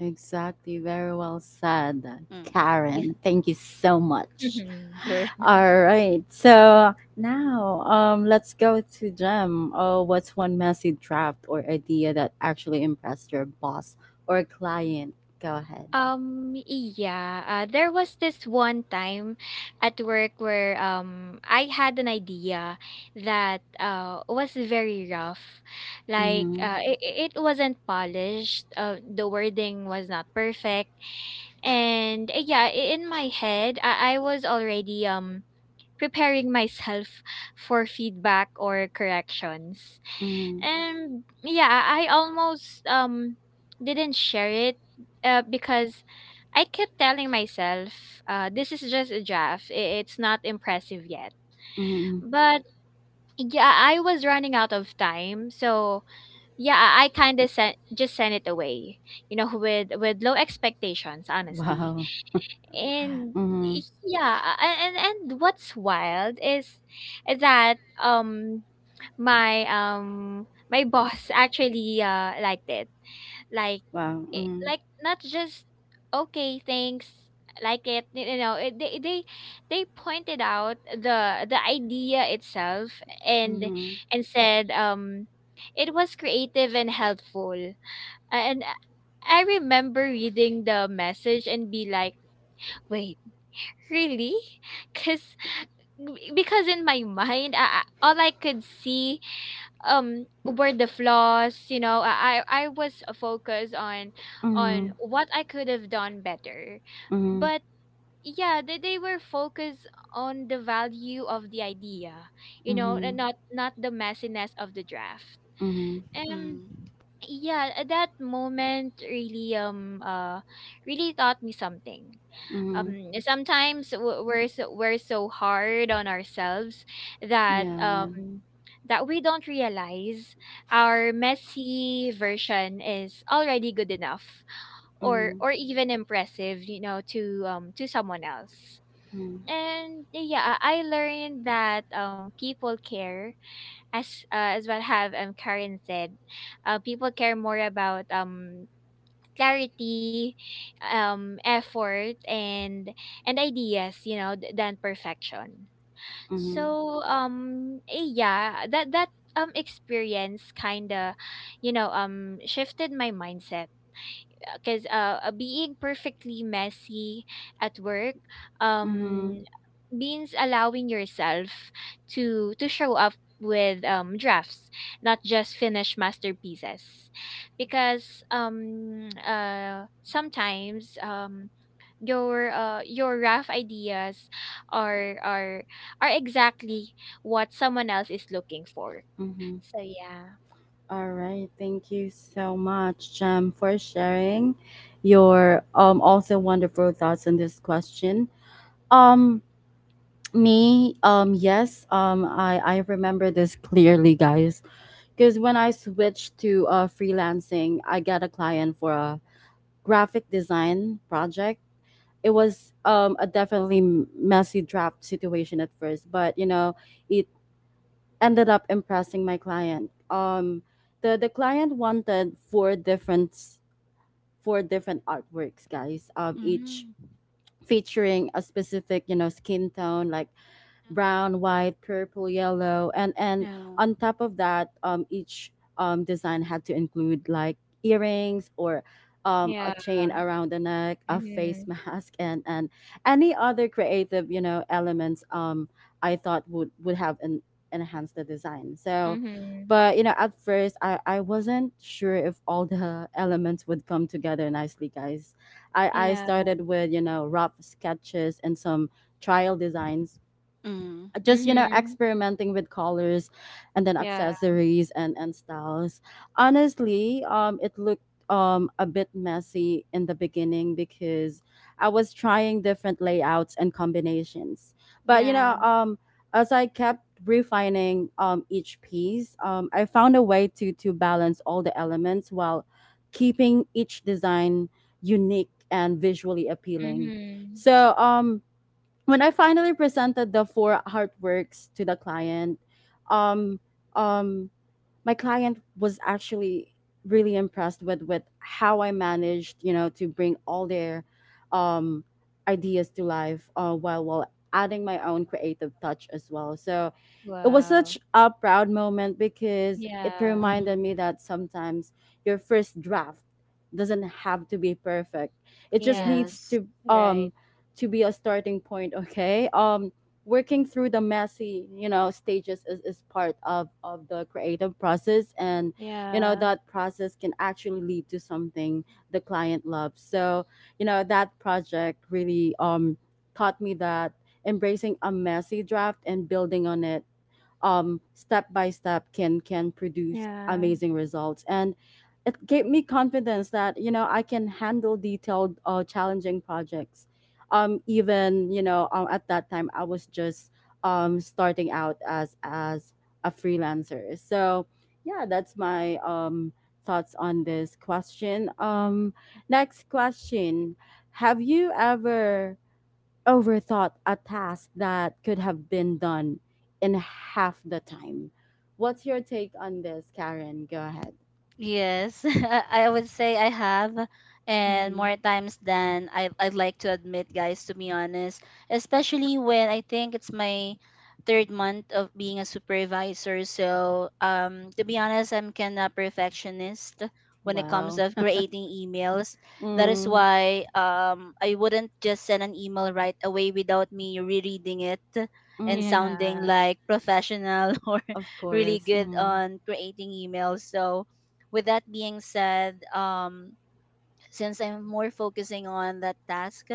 A: Exactly. Very well said,
C: Mm. Yeah.
A: Karen. Thank you so much.
B: Mhm.
C: Correct.
A: All right. So now let's go to Jem. Oh, what's one messy draft or idea that actually impressed your boss or client? Go ahead.
B: Yeah. There was this one time at work where I had an idea that was very rough. Like,
A: Mm-hmm.
B: it, it wasn't polished. The wording was not perfect. And yeah, in my head I was already preparing myself for feedback or corrections.
A: Mm-hmm.
B: And yeah, I almost didn't share it because I kept telling myself, this is just a draft. It's not impressive yet.
A: Mm-hmm. Mm-hmm.
B: But yeah, I was running out of time. So yeah, I kind of sent it away, you know, with low expectations, honestly.
A: Wow.
B: And
A: Mm-hmm.
B: yeah, and what's wild is that um my boss actually liked it. Like,
A: Wow.
B: like not just okay, thanks. Like, you know, it, they pointed out the idea itself, and
A: Mm-hmm.
B: said, it was creative and helpful. And I remember reading the message and be like, wait, really? Cause because in my mind, all I could see were the flaws. You know, I was focused on
A: Mm-hmm.
B: what I could have done better,
A: Mm-hmm.
B: but yeah, they were focused on the value of the idea. You know,
A: Mm-hmm.
B: and not the messiness of the draft.
A: Mm-hmm. Mm-hmm.
B: Um.
C: Mm.
B: Yeah, at that moment really really taught me something. Um,
A: Mm-hmm.
B: sometimes we're so hard on ourselves that
A: Yeah.
B: that we don't realize our messy version is already good enough, or
A: Mm-hmm.
B: even impressive, you know, to someone else.
A: Mm-hmm.
B: And yeah, I learned that people care, as what have Karen said, people care more about clarity, effort, and ideas, you know, than perfection.
A: Mm-hmm.
B: So yeah, that that experience kind of, you know, shifted my mindset, because being perfectly messy at work
A: Mm-hmm.
B: um means allowing yourself to show up with drafts, not just finished masterpieces. Because sometimes your rough ideas are exactly what someone else is looking for.
A: Mm-hmm.
B: So yeah.
A: All right. Thank you so much, for sharing your also wonderful thoughts on this question. Um yes, I remember this clearly, guys, because when I switched to freelancing, I got a client for a graphic design project. It was a definitely messy draft situation at first, but you know, it ended up impressing my client. The client wanted four different artworks, guys. Each
C: Mm.
A: featuring a specific you know skin tone, like
B: Mhm.
A: brown, white, purple, yellow, and
C: Yeah.
A: on top of that, each design had to include like earrings or a
B: Yeah.
A: chain around the neck, a face
B: Mhm.
A: mask, and any other creative you know elements I thought would have en- enhanced the design. So.
B: Mhm.
A: But you know, at first, I wasn't sure if all the elements would come together nicely, guys. I
B: Yeah.
A: started with you know rough sketches and some trial designs,
C: Mm.
A: just you know
B: Mhm.
A: experimenting with colors and then
B: Yeah.
A: accessories and styles. Honestly, it looked a bit messy in the beginning because I was trying different layouts and combinations, but you know
B: Yeah.
A: as I kept refining each piece, I found a way to balance all the elements while keeping each design unique and visually appealing.
B: Mm-hmm.
A: So when I finally presented the four artworks to the client, um, um, my client was actually really impressed with how I managed, you know, to bring all their um, ideas to life, while adding my own creative touch as well. So it was
B: Wow.
A: such a proud moment because it
B: Yeah.
A: reminded
C: Mm.
A: me that sometimes your first draft doesn't have to be perfect. It just
B: Yeah.
A: needs
C: Yes.
B: Right.
A: to be a starting point, okay? Working through the messy you know stages is, part of the creative process, and you know
B: Yeah.
A: that process can actually lead to something the client loves. So you know that project really taught me that embracing a messy draft and building on it step by step can produce
B: Yeah.
A: amazing results, and it gave me confidence that you know I can handle detailed challenging projects, even you know at that time I was just starting out as a freelancer. So yeah, that's my thoughts on this question. Next question: have you ever overthought a task that could have been done in half the time? What's your take on this, Karen? Go ahead.
C: Yes, I would say I have, and more
A: Mm,
C: times than I'd like to admit, guys, to be honest. Especially when I think it's my third month of being a supervisor. So, to be honest, I'm kinda perfectionist when it comes
A: well,
C: of creating emails. That is
A: mm,
C: why I wouldn't just send an email right away without me rereading it and
A: mm,
C: sounding
B: Yeah.
C: like professional or
A: of
C: really
A: course.
C: good on creating emails. So with that being said, since I'm more focusing on that task,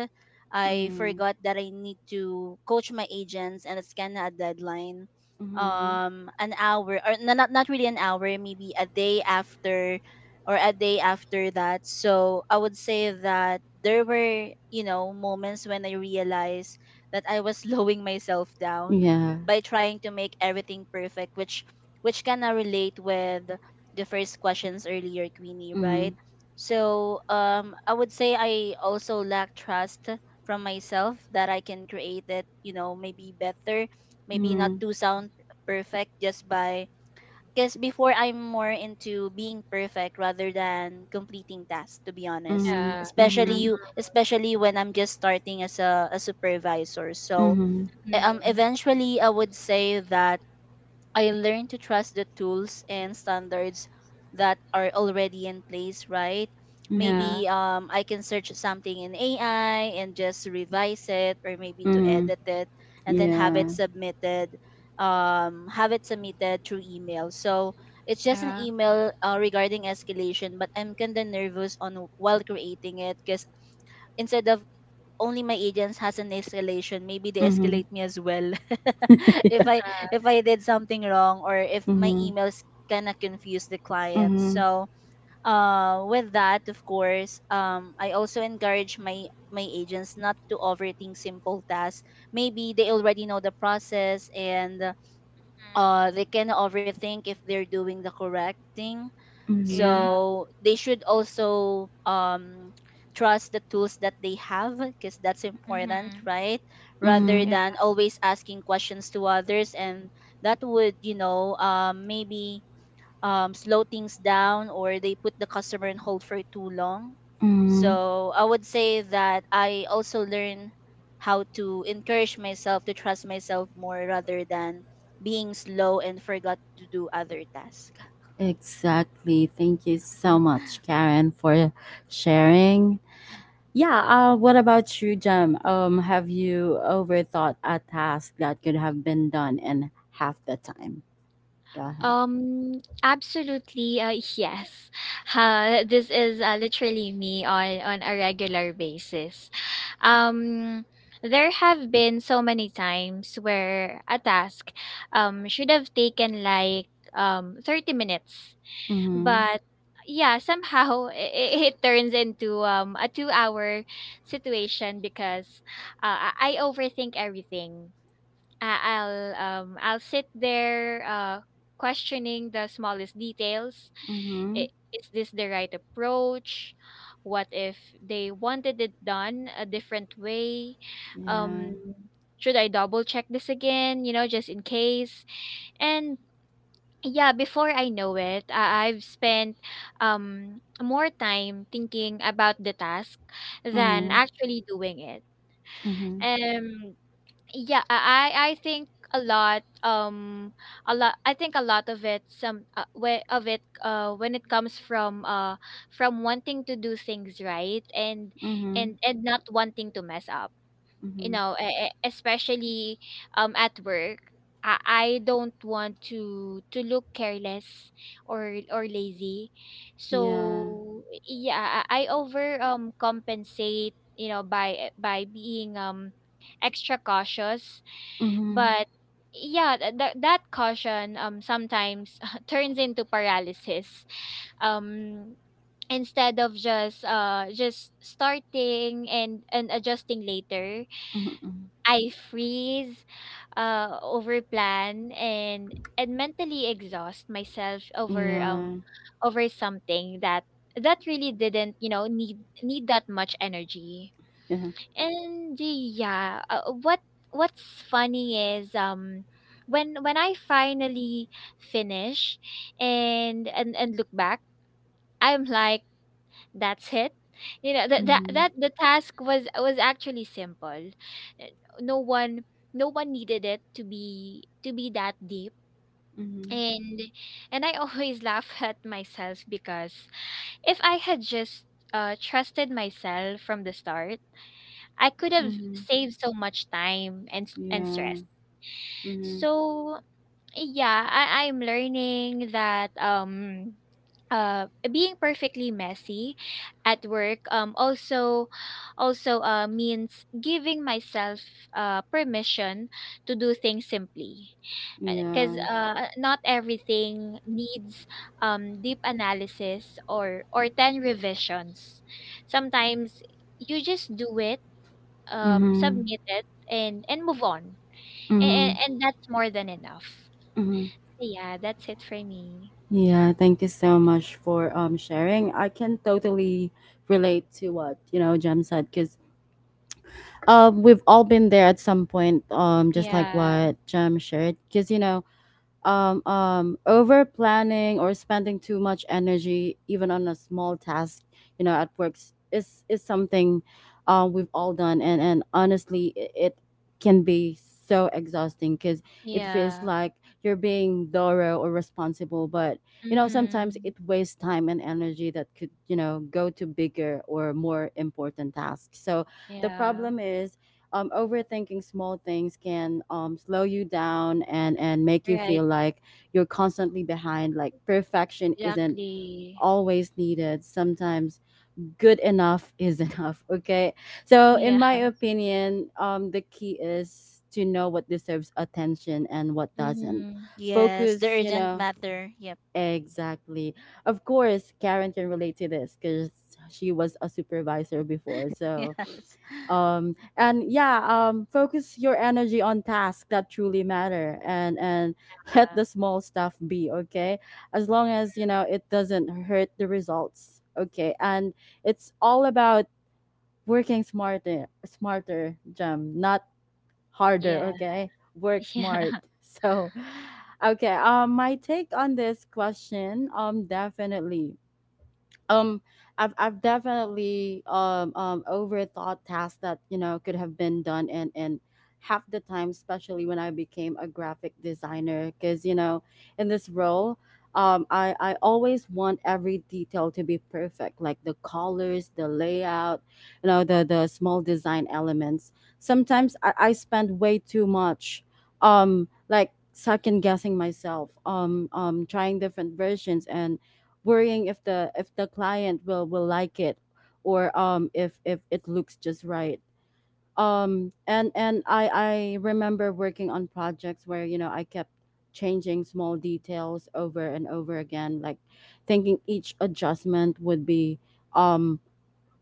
C: I
A: mm,
C: forgot that I need to coach my agents and it's kind of a deadline.
A: mm,
C: An hour, or no, not not really an hour, maybe a day after or a day after that. So I would say that there were, you know, moments when I realized that I was slowing myself down
A: yeah.
C: by trying to make everything perfect, which kind of relate with the first questions earlier, Queenie,
A: Mm,
C: right? So I would say I also lack trust from myself that I can create it, maybe better, maybe not
A: mm,
C: to sound perfect just by because before I'm more into being perfect rather than completing tasks, to be honest,
A: mm,
B: Yeah.
C: especially
A: mm,
C: you especially when I'm just starting as a supervisor. So
A: mm,
B: Mm-hmm.
C: eventually I would say that I learned to trust the tools and standards that are already in place, right?
A: mm,
B: Yeah.
C: Maybe I can search something in AI and just revise it, or maybe to
A: mm,
C: edit it and then
A: yeah.
C: have it submitted through email. So it's just an
B: Yeah.
C: email regarding escalation, but I'm kind of nervous on while creating it because instead of only my agents has an escalation, maybe they
A: Mm,
C: escalate me as well
A: yeah.
C: if I if I did something wrong or if my
A: mm,
C: emails kind of confuse the clients.
A: mm,
C: So with that, of course, I also encourage my agents not to overthink simple tasks. Maybe they already know the process, and
B: Mm.
C: they can overthink if they're doing the correct thing.
B: Yeah.
A: mm,
C: So they should also trust the tools that they have, because that's important,
B: Mm-hmm.
C: right, rather
B: Yeah.
A: mm,
C: than always asking questions to others. And that would maybe slow things down, or they put the customer on hold for too long.
A: mm,
C: So I would say that I also learn how to encourage myself to trust myself more rather than being slow and forgot to do other tasks.
A: Exactly. Thank you so much, Karen, for sharing. Yeah, what about you, Jem? Have you overthought a task that could have been done in half the time? Go ahead.
B: Absolutely, yes. This is literally me on a regular basis. Um, there have been so many times where a task should have taken like 30 minutes,
A: Mm-hmm.
B: but yeah, somehow it turns into a 2 hour situation because I overthink everything. I'll sit there questioning the smallest details.
A: Mm-hmm.
B: Is this the right approach? What if they wanted it done a different way?
A: Yeah.
B: Um, should I double check this again, you know, just in case? And yeah, before I know it, I've spent more time thinking about the task than
A: Mm-hmm.
B: actually doing it.
A: Mm-hmm.
B: Um yeah, I think a lot of it when it comes from wanting to do things right and
A: Mm-hmm.
B: not wanting to mess up. You
A: Mm-hmm.
B: know, especially at work, I don't want to look careless or lazy.
A: Yeah.
B: So yeah, I over compensate, you know, by being extra cautious.
A: Mm-hmm.
B: But yeah, that caution sometimes turns into paralysis. Um, instead of just starting and adjusting later,
A: Mm-hmm.
B: I freeze, overplan, and mentally exhaust myself over
A: Yeah.
B: over something that really didn't, you know, need that much energy.
A: Yeah.
B: And yeah, what's funny is when I finally finish and look back, I'm like, that's it. You know,
A: Mm-hmm.
B: that the task was actually simple. No one needed it to be that deep.
A: Mm-hmm.
B: And I always laugh at myself because if I had just trusted myself from the start, I could have
A: Mm-hmm.
B: saved so much time and and
A: Yeah.
B: stress.
A: Mm-hmm.
B: So yeah, I'm learning that being perfectly messy at work also means giving myself permission to do things simply, because
A: Yeah.
B: not everything needs deep analysis or 10 revisions. Sometimes you just do it,
A: Mm-hmm.
B: submit it, and move on,
A: Mm-hmm.
B: and that's more than enough.
A: Mm-hmm.
B: So yeah, that's it for me.
A: Yeah, thank you so much for sharing. I can totally relate to what, you know, Jem said, cuz we've all been there at some point, just like
B: Yeah.
A: what Jem shared, cuz you know over planning or spending too much energy even on a small task you know at work is something, we've all done, and honestly, it can be so exhausting because it feels
B: Yeah.
A: like you're being thorough or responsible, but you know sometimes
B: Mm-hmm.
A: it wastes time and energy that could you know go to bigger or more important tasks. So the
B: Yeah.
A: problem is overthinking small things can slow you down and make you
B: Right.
A: feel like you're constantly behind, like perfection isn't
B: Exactly.
A: always needed. Sometimes good enough is enough, okay? So in
B: Yeah.
A: my opinion, the key is to know what deserves attention and what doesn't.
B: Mm-hmm.
C: Yes, the
A: Focus you
C: urgent
A: know
C: matter. Yep.
A: exactly, of course Karen can relate to this because she was a supervisor before. So
C: Yes.
A: and yeah, focus your energy on tasks that truly matter, and let the small stuff be, okay, as long as you know it doesn't hurt the results, okay, and it's all about working smarter, Jam, not harder,
B: Yeah.
A: okay? Work
B: Yeah.
A: smart. So okay, my take on this question, definitely um, I've definitely overthought tasks that you know could have been done and half the time, especially when I became a graphic designer, because you know in this role. I always want every detail to be perfect, like the colors, the layout, you know, the small design elements. Sometimes I spend way too much, like second guessing myself, trying different versions and worrying if the client will like it, or if it looks just right. Um and and i i remember working on projects where you know I kept changing small details over and over again, like thinking each adjustment would be um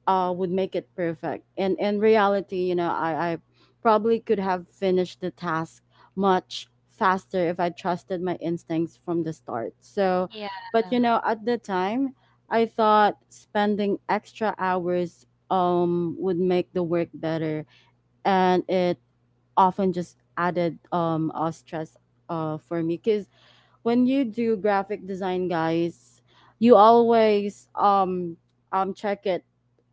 A: would make it perfect. And in reality, you know, I probably could have finished the task much faster if I trusted my instincts from the start. So,
B: Yeah. Yeah.
A: but you know, at the time, I thought spending extra hours would make the work better, and it often just added stress for me. Because when you do graphic design, guys, you always check it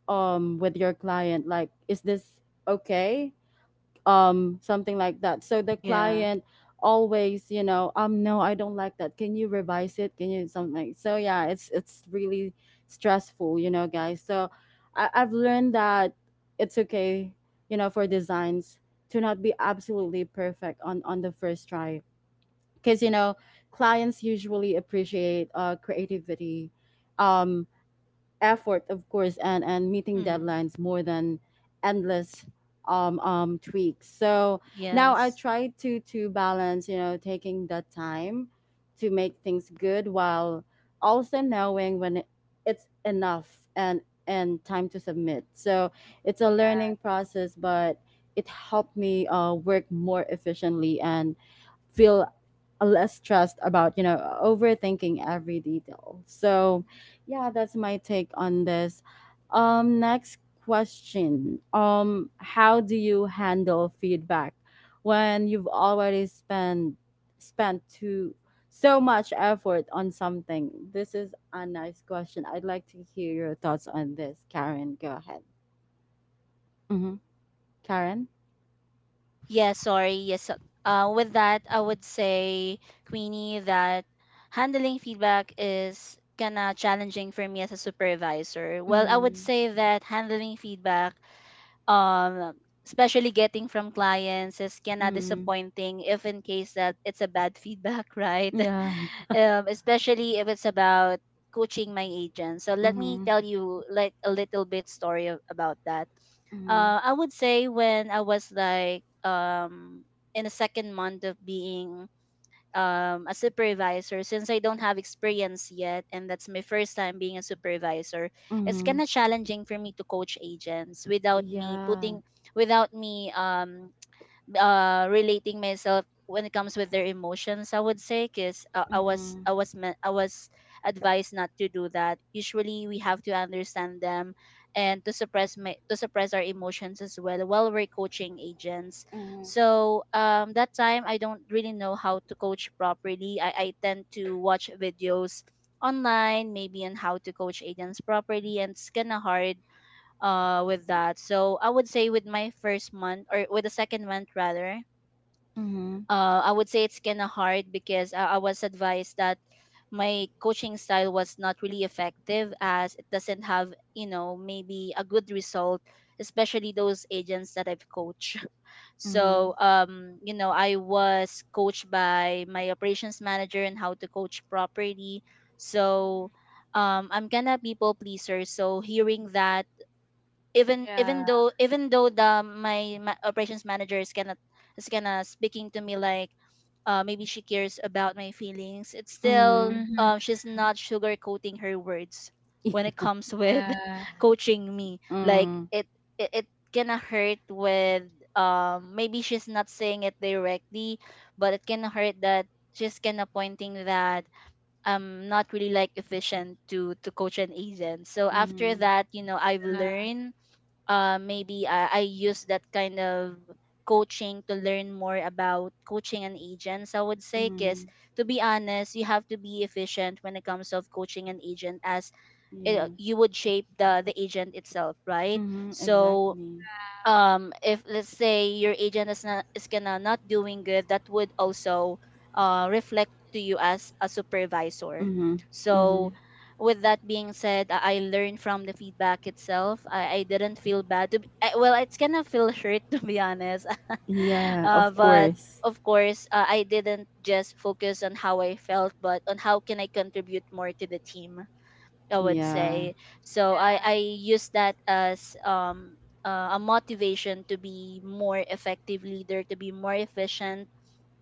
A: with your client, like, is this okay? Something like that. So the
C: Yeah.
A: client always, you know, "No, I don't like that, can you revise it, can you," something like. So yeah, it's really stressful, you know, guys. So I've learned that it's okay, you know, for designs to not be absolutely perfect on the first try, because, you know, clients usually appreciate creativity, um effort, of course, and meeting
C: Mm.
A: deadlines more than endless tweaks. So now I
C: Yes.
A: try to balance, you know, taking that time to make things good while also knowing when it's enough and time to submit. So it's a learning process, but it helped me work more efficiently and feel less stressed about, you know, overthinking every detail. So yeah, that's my take on this. Next question: how do you handle feedback when you've already spent spent too so much effort on something? This is a nice question. I'd like to hear your thoughts on this, Karen. Go ahead. Mm-hmm. Karen.
C: Yeah, sorry. Yes. so- with that, I would say, Queenie, that handling feedback is kind of challenging for me as a supervisor. Well, I would
A: Mm-hmm.
C: say that handling feedback um especially getting from clients is kinda disappointing if in case that it's a bad feedback, right?
A: Yeah.
C: Especially if it's about coaching my agent, so let me
A: Mm-hmm.
C: tell you like a little bit story about that.
A: Mm-hmm.
C: I would say when I was like in the second month of being a supervisor, since I don't have experience yet and that's my first time being a supervisor. It's
A: Mm-hmm.
C: kind of challenging for me to coach agents without me
A: Yeah.
C: putting without me relating myself when it comes with their emotions, I would say, because uh, i was
A: Mhm.
C: i was me- i was advised not to do that. Usually we have to understand them and to to suppress our emotions as well while we're coaching agents.
A: Hmm.
C: So that time I don't really know how to coach properly. I tend to watch videos online, maybe on how to coach agents properly, and it's kind of hard with that. So I would say with my first month, or with the second month rather,
A: Mhm.
C: I would say it's kind of hard because I was advised that my coaching style was not really effective, as it doesn't have, you know, maybe a good result, especially those agents that I've coached.
A: Mhm.
C: So, you know, I was coached by my operations manager and how to coach properly. So, I'm kind of people pleaser. So hearing that,
B: Yeah.
C: even though the my, ma operations manager is gonna speaking to me like, maybe she cares about my feelings, it's still,
A: Mhm.
B: Mm-hmm.
C: she's not sugarcoating her words when it comes with
B: Yeah.
C: coaching me. Like
A: Mm.
C: it it gonna hurt with, maybe she's not saying it directly, but it can hurt that she's kind of pointing that I'm not really like efficient to coach an agent. So after
A: Mhm.
C: that, you know, I've learned, maybe I use that kind of coaching to learn more about coaching and agents, I would say, because
A: Mhm.
C: to be honest, you have to be efficient when it comes of coaching an agent, as
A: Yeah.
C: it, you would shape the agent itself, right?
A: Mhm.
C: So
A: Exactly.
C: if let's say your agent is not is gonna not doing good, that would also reflect to you as a supervisor.
A: Mhm.
C: So
A: Mhm.
C: with that being said, I learned from the feedback itself. I didn't feel bad to be, well it's gonna feel hurt to be honest,
A: Yeah, of
C: but
A: course.
C: of course, I didn't just focus on how I felt, but on how can I contribute more to the team, I would
A: Yeah.
C: say. So
B: Yeah.
C: I use that as a motivation to be more effective leader, to be more efficient,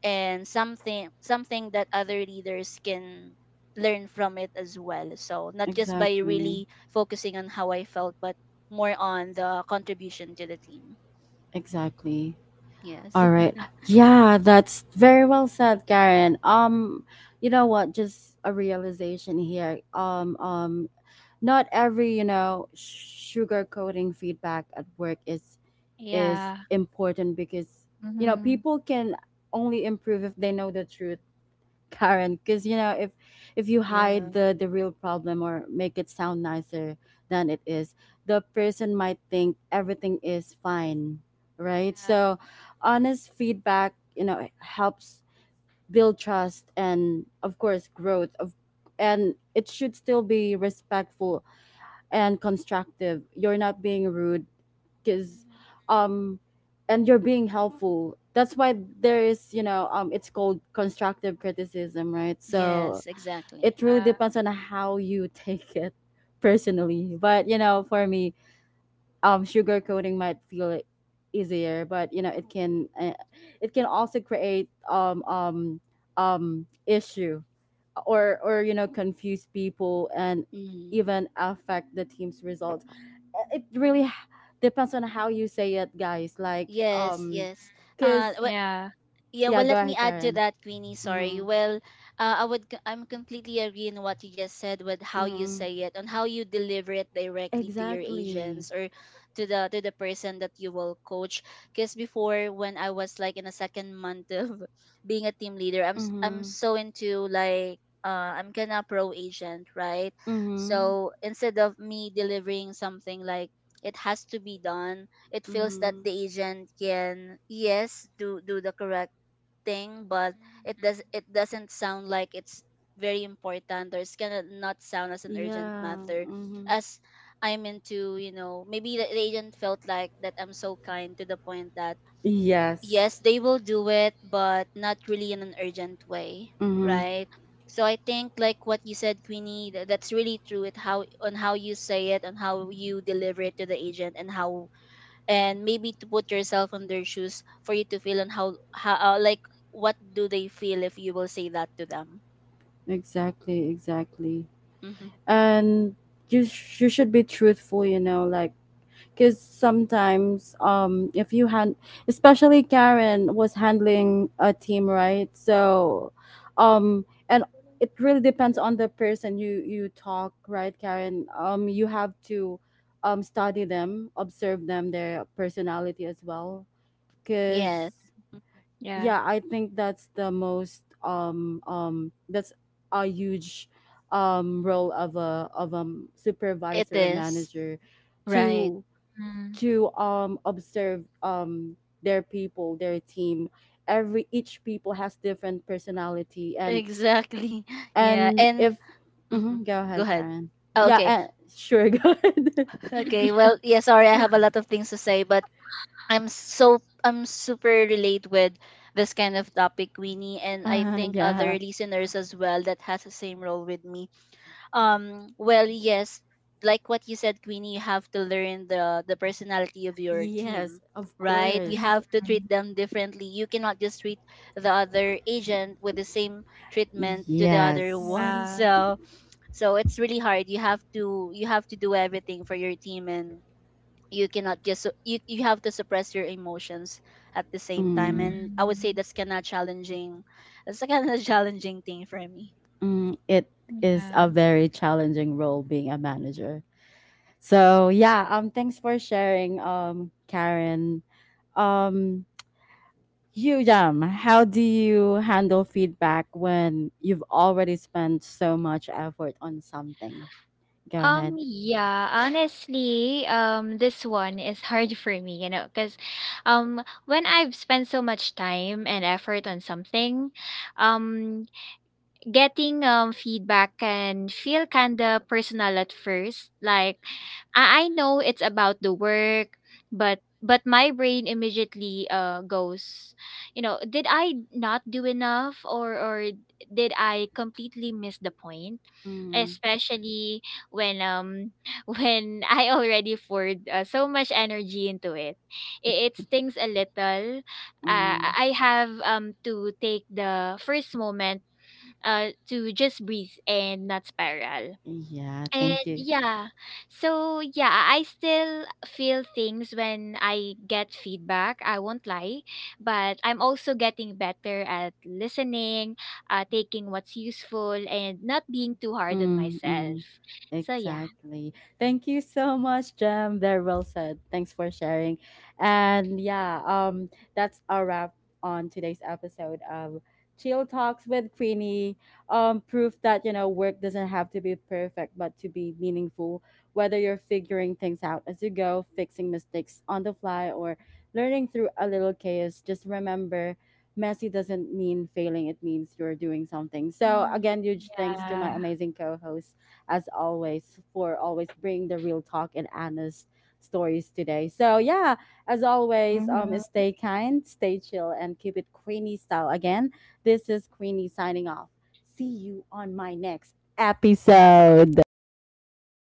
C: and something that other leaders can learn from it as well. So not just by
A: Exactly.
C: really focusing on how I felt, but more on the contribution to the team.
A: Exactly.
C: Yes.
A: All right. Yeah, that's very well said, Karen. You know what? Just a realization here. Not every, you know, sugar coating feedback at work is
B: Yeah.
A: important, because, you know,
B: Mm-hmm.
A: people can only improve if they know the truth, Karen. Because, you know, if you hide
C: Yeah.
A: the real problem or make it sound nicer than it is, the person might think everything is fine, right? So honest feedback, you know, helps build trust and, of course, growth of, and it should still be respectful and constructive. You're not being rude, because um and you're being helpful. That's why there is, you know, it's called constructive criticism, right? So
C: Yes. Exactly.
A: it really depends on how you take it personally. But, you know, for me, sugarcoating might feel easier, but, you know, it can also create issue, or you know, confuse people and
C: Mhm.
A: even affect the team's results. It really depends on how you say it, guys. Like,
C: Yes. Yes.
A: cause
C: Wh-
B: Yeah.
C: Yeah,
A: yeah,
C: well,
A: go
C: let me
A: ahead,
C: add to
A: Karen.
C: that, Queenie. Sorry.
A: Mm-hmm.
C: Well, I would, c- I'm completely agreeing in what you just said with how you
A: Mm-hmm.
C: say it and how you deliver it directly to your
A: Exactly.
C: agents or to the person that you will coach. Because before, when I was like in a second month of being a team leader, I'm
A: Mm-hmm.
C: so into like, I'm kind of pro agent, right?
A: Mm-hmm.
C: So instead of me delivering something like it has to be done, it feels that
A: Mm-hmm.
C: the agent can yes do the correct thing, but it doesn't sound like it's very important, or it's gonna not sound as an urgent
A: Yeah.
C: matter,
A: Mm-hmm.
C: as I'm into, you know, maybe the agent felt like that I'm so kind to the point that
A: Yes.
C: yes, they will do it, but not really in an urgent way,
A: Mm-hmm.
C: right? So I think like what you said, Queenie, that's really true. It how on how you say it, on how you deliver it to the agent, and how, and maybe to put yourself on their shoes for you to feel on how like what do they feel if you will say that to them.
A: Exactly. Exactly.
C: Hmm.
A: And you you should be truthful. You know, like, because sometimes if you hand, especially Karen was handling a team, right? So and it really depends on the person you talk, right, Karen? You have to study them, observe them, their personality as well,
C: Yeah,
A: because
B: Yeah. Yeah.
A: yeah, I think that's the most that's a huge role of a
C: it
A: supervisor or
C: is.
A: manager,
C: Right.
A: to
B: Mm-hmm.
A: to observe their people, their team. Every each people has different personality. and
C: Exactly. Yeah.
A: and
C: And
A: if
C: hmm,
A: mhm, go
C: go
A: ahead,
C: ahead.
A: Karen.
C: Oh,
A: Yeah,
C: okay.
A: sure, go ahead.
C: Okay, well yeah sorry, I have a lot of things to say, but I'm super relate with this kind of topic, Winnie, and I think
A: Yeah.
C: other listeners as well that has the same role with me. Well, yes, like what you said, Queenie, you have to learn the personality of your
A: Yes,
C: team,
A: of
C: right? You
A: course.
C: have to
B: Mm-hmm.
C: treat them differently. You cannot just treat the other agent with the same treatment to the other
A: Yes.
C: one.
B: Yeah.
C: So, so it's really hard. You have to do everything for your team, and you cannot just su- you have to suppress your emotions at the same time.
A: Mm.
C: And I would say
B: Mm-hmm.
C: that's kind of challenging, that's kind of challenging thing for me.
A: Mm, it is a
B: Yeah.
A: very challenging role, being a manager. So yeah, thanks for sharing, Karen. um You, Jam, how do you handle feedback when you've already spent so much effort on something? Go ahead.
B: Yeah, honestly, this one is hard for me, you know, because when I've spent so much time and effort on something, um, getting feedback can feel kind of personal at first. Like, I know it's about the work, but my brain immediately goes, you know, did I not do enough, or did I completely miss the point?
A: Mm.
B: Especially when when I already poured so much energy into it. It stings a little. Uh,
A: Mm,
B: I I have to take the first moment to just breathe and not spiral.
A: yeah,
B: And
A: thank you.
B: yeah, so yeah, I still feel things when I get feedback. I won't lie, but I'm also getting better at listening, taking what's useful, and not being too hard on
A: Mm,
B: myself.
A: mm.
B: So yeah.
A: Exactly. Thank you so much, Jem. Very well said. Thanks for sharing. And yeah, that's a wrap on today's episode of Chill Talks with Queenie. Proof that, you know, work doesn't have to be perfect, but to be meaningful. Whether you're figuring things out as you go, fixing mistakes on the fly, or learning through a little chaos, just remember: messy doesn't mean failing, it means you're doing something. So,
B: Mhm.
A: again, huge thanks to
B: Yeah.
A: my amazing co hosts, as always, for always bringing the real talk and honest stories today. So, yeah, as always,
B: Mm-hmm.
A: stay kind, stay chill, and keep it Queenie style. Again, this is Queenie signing off. See you on my next episode.
B: Bye, guys.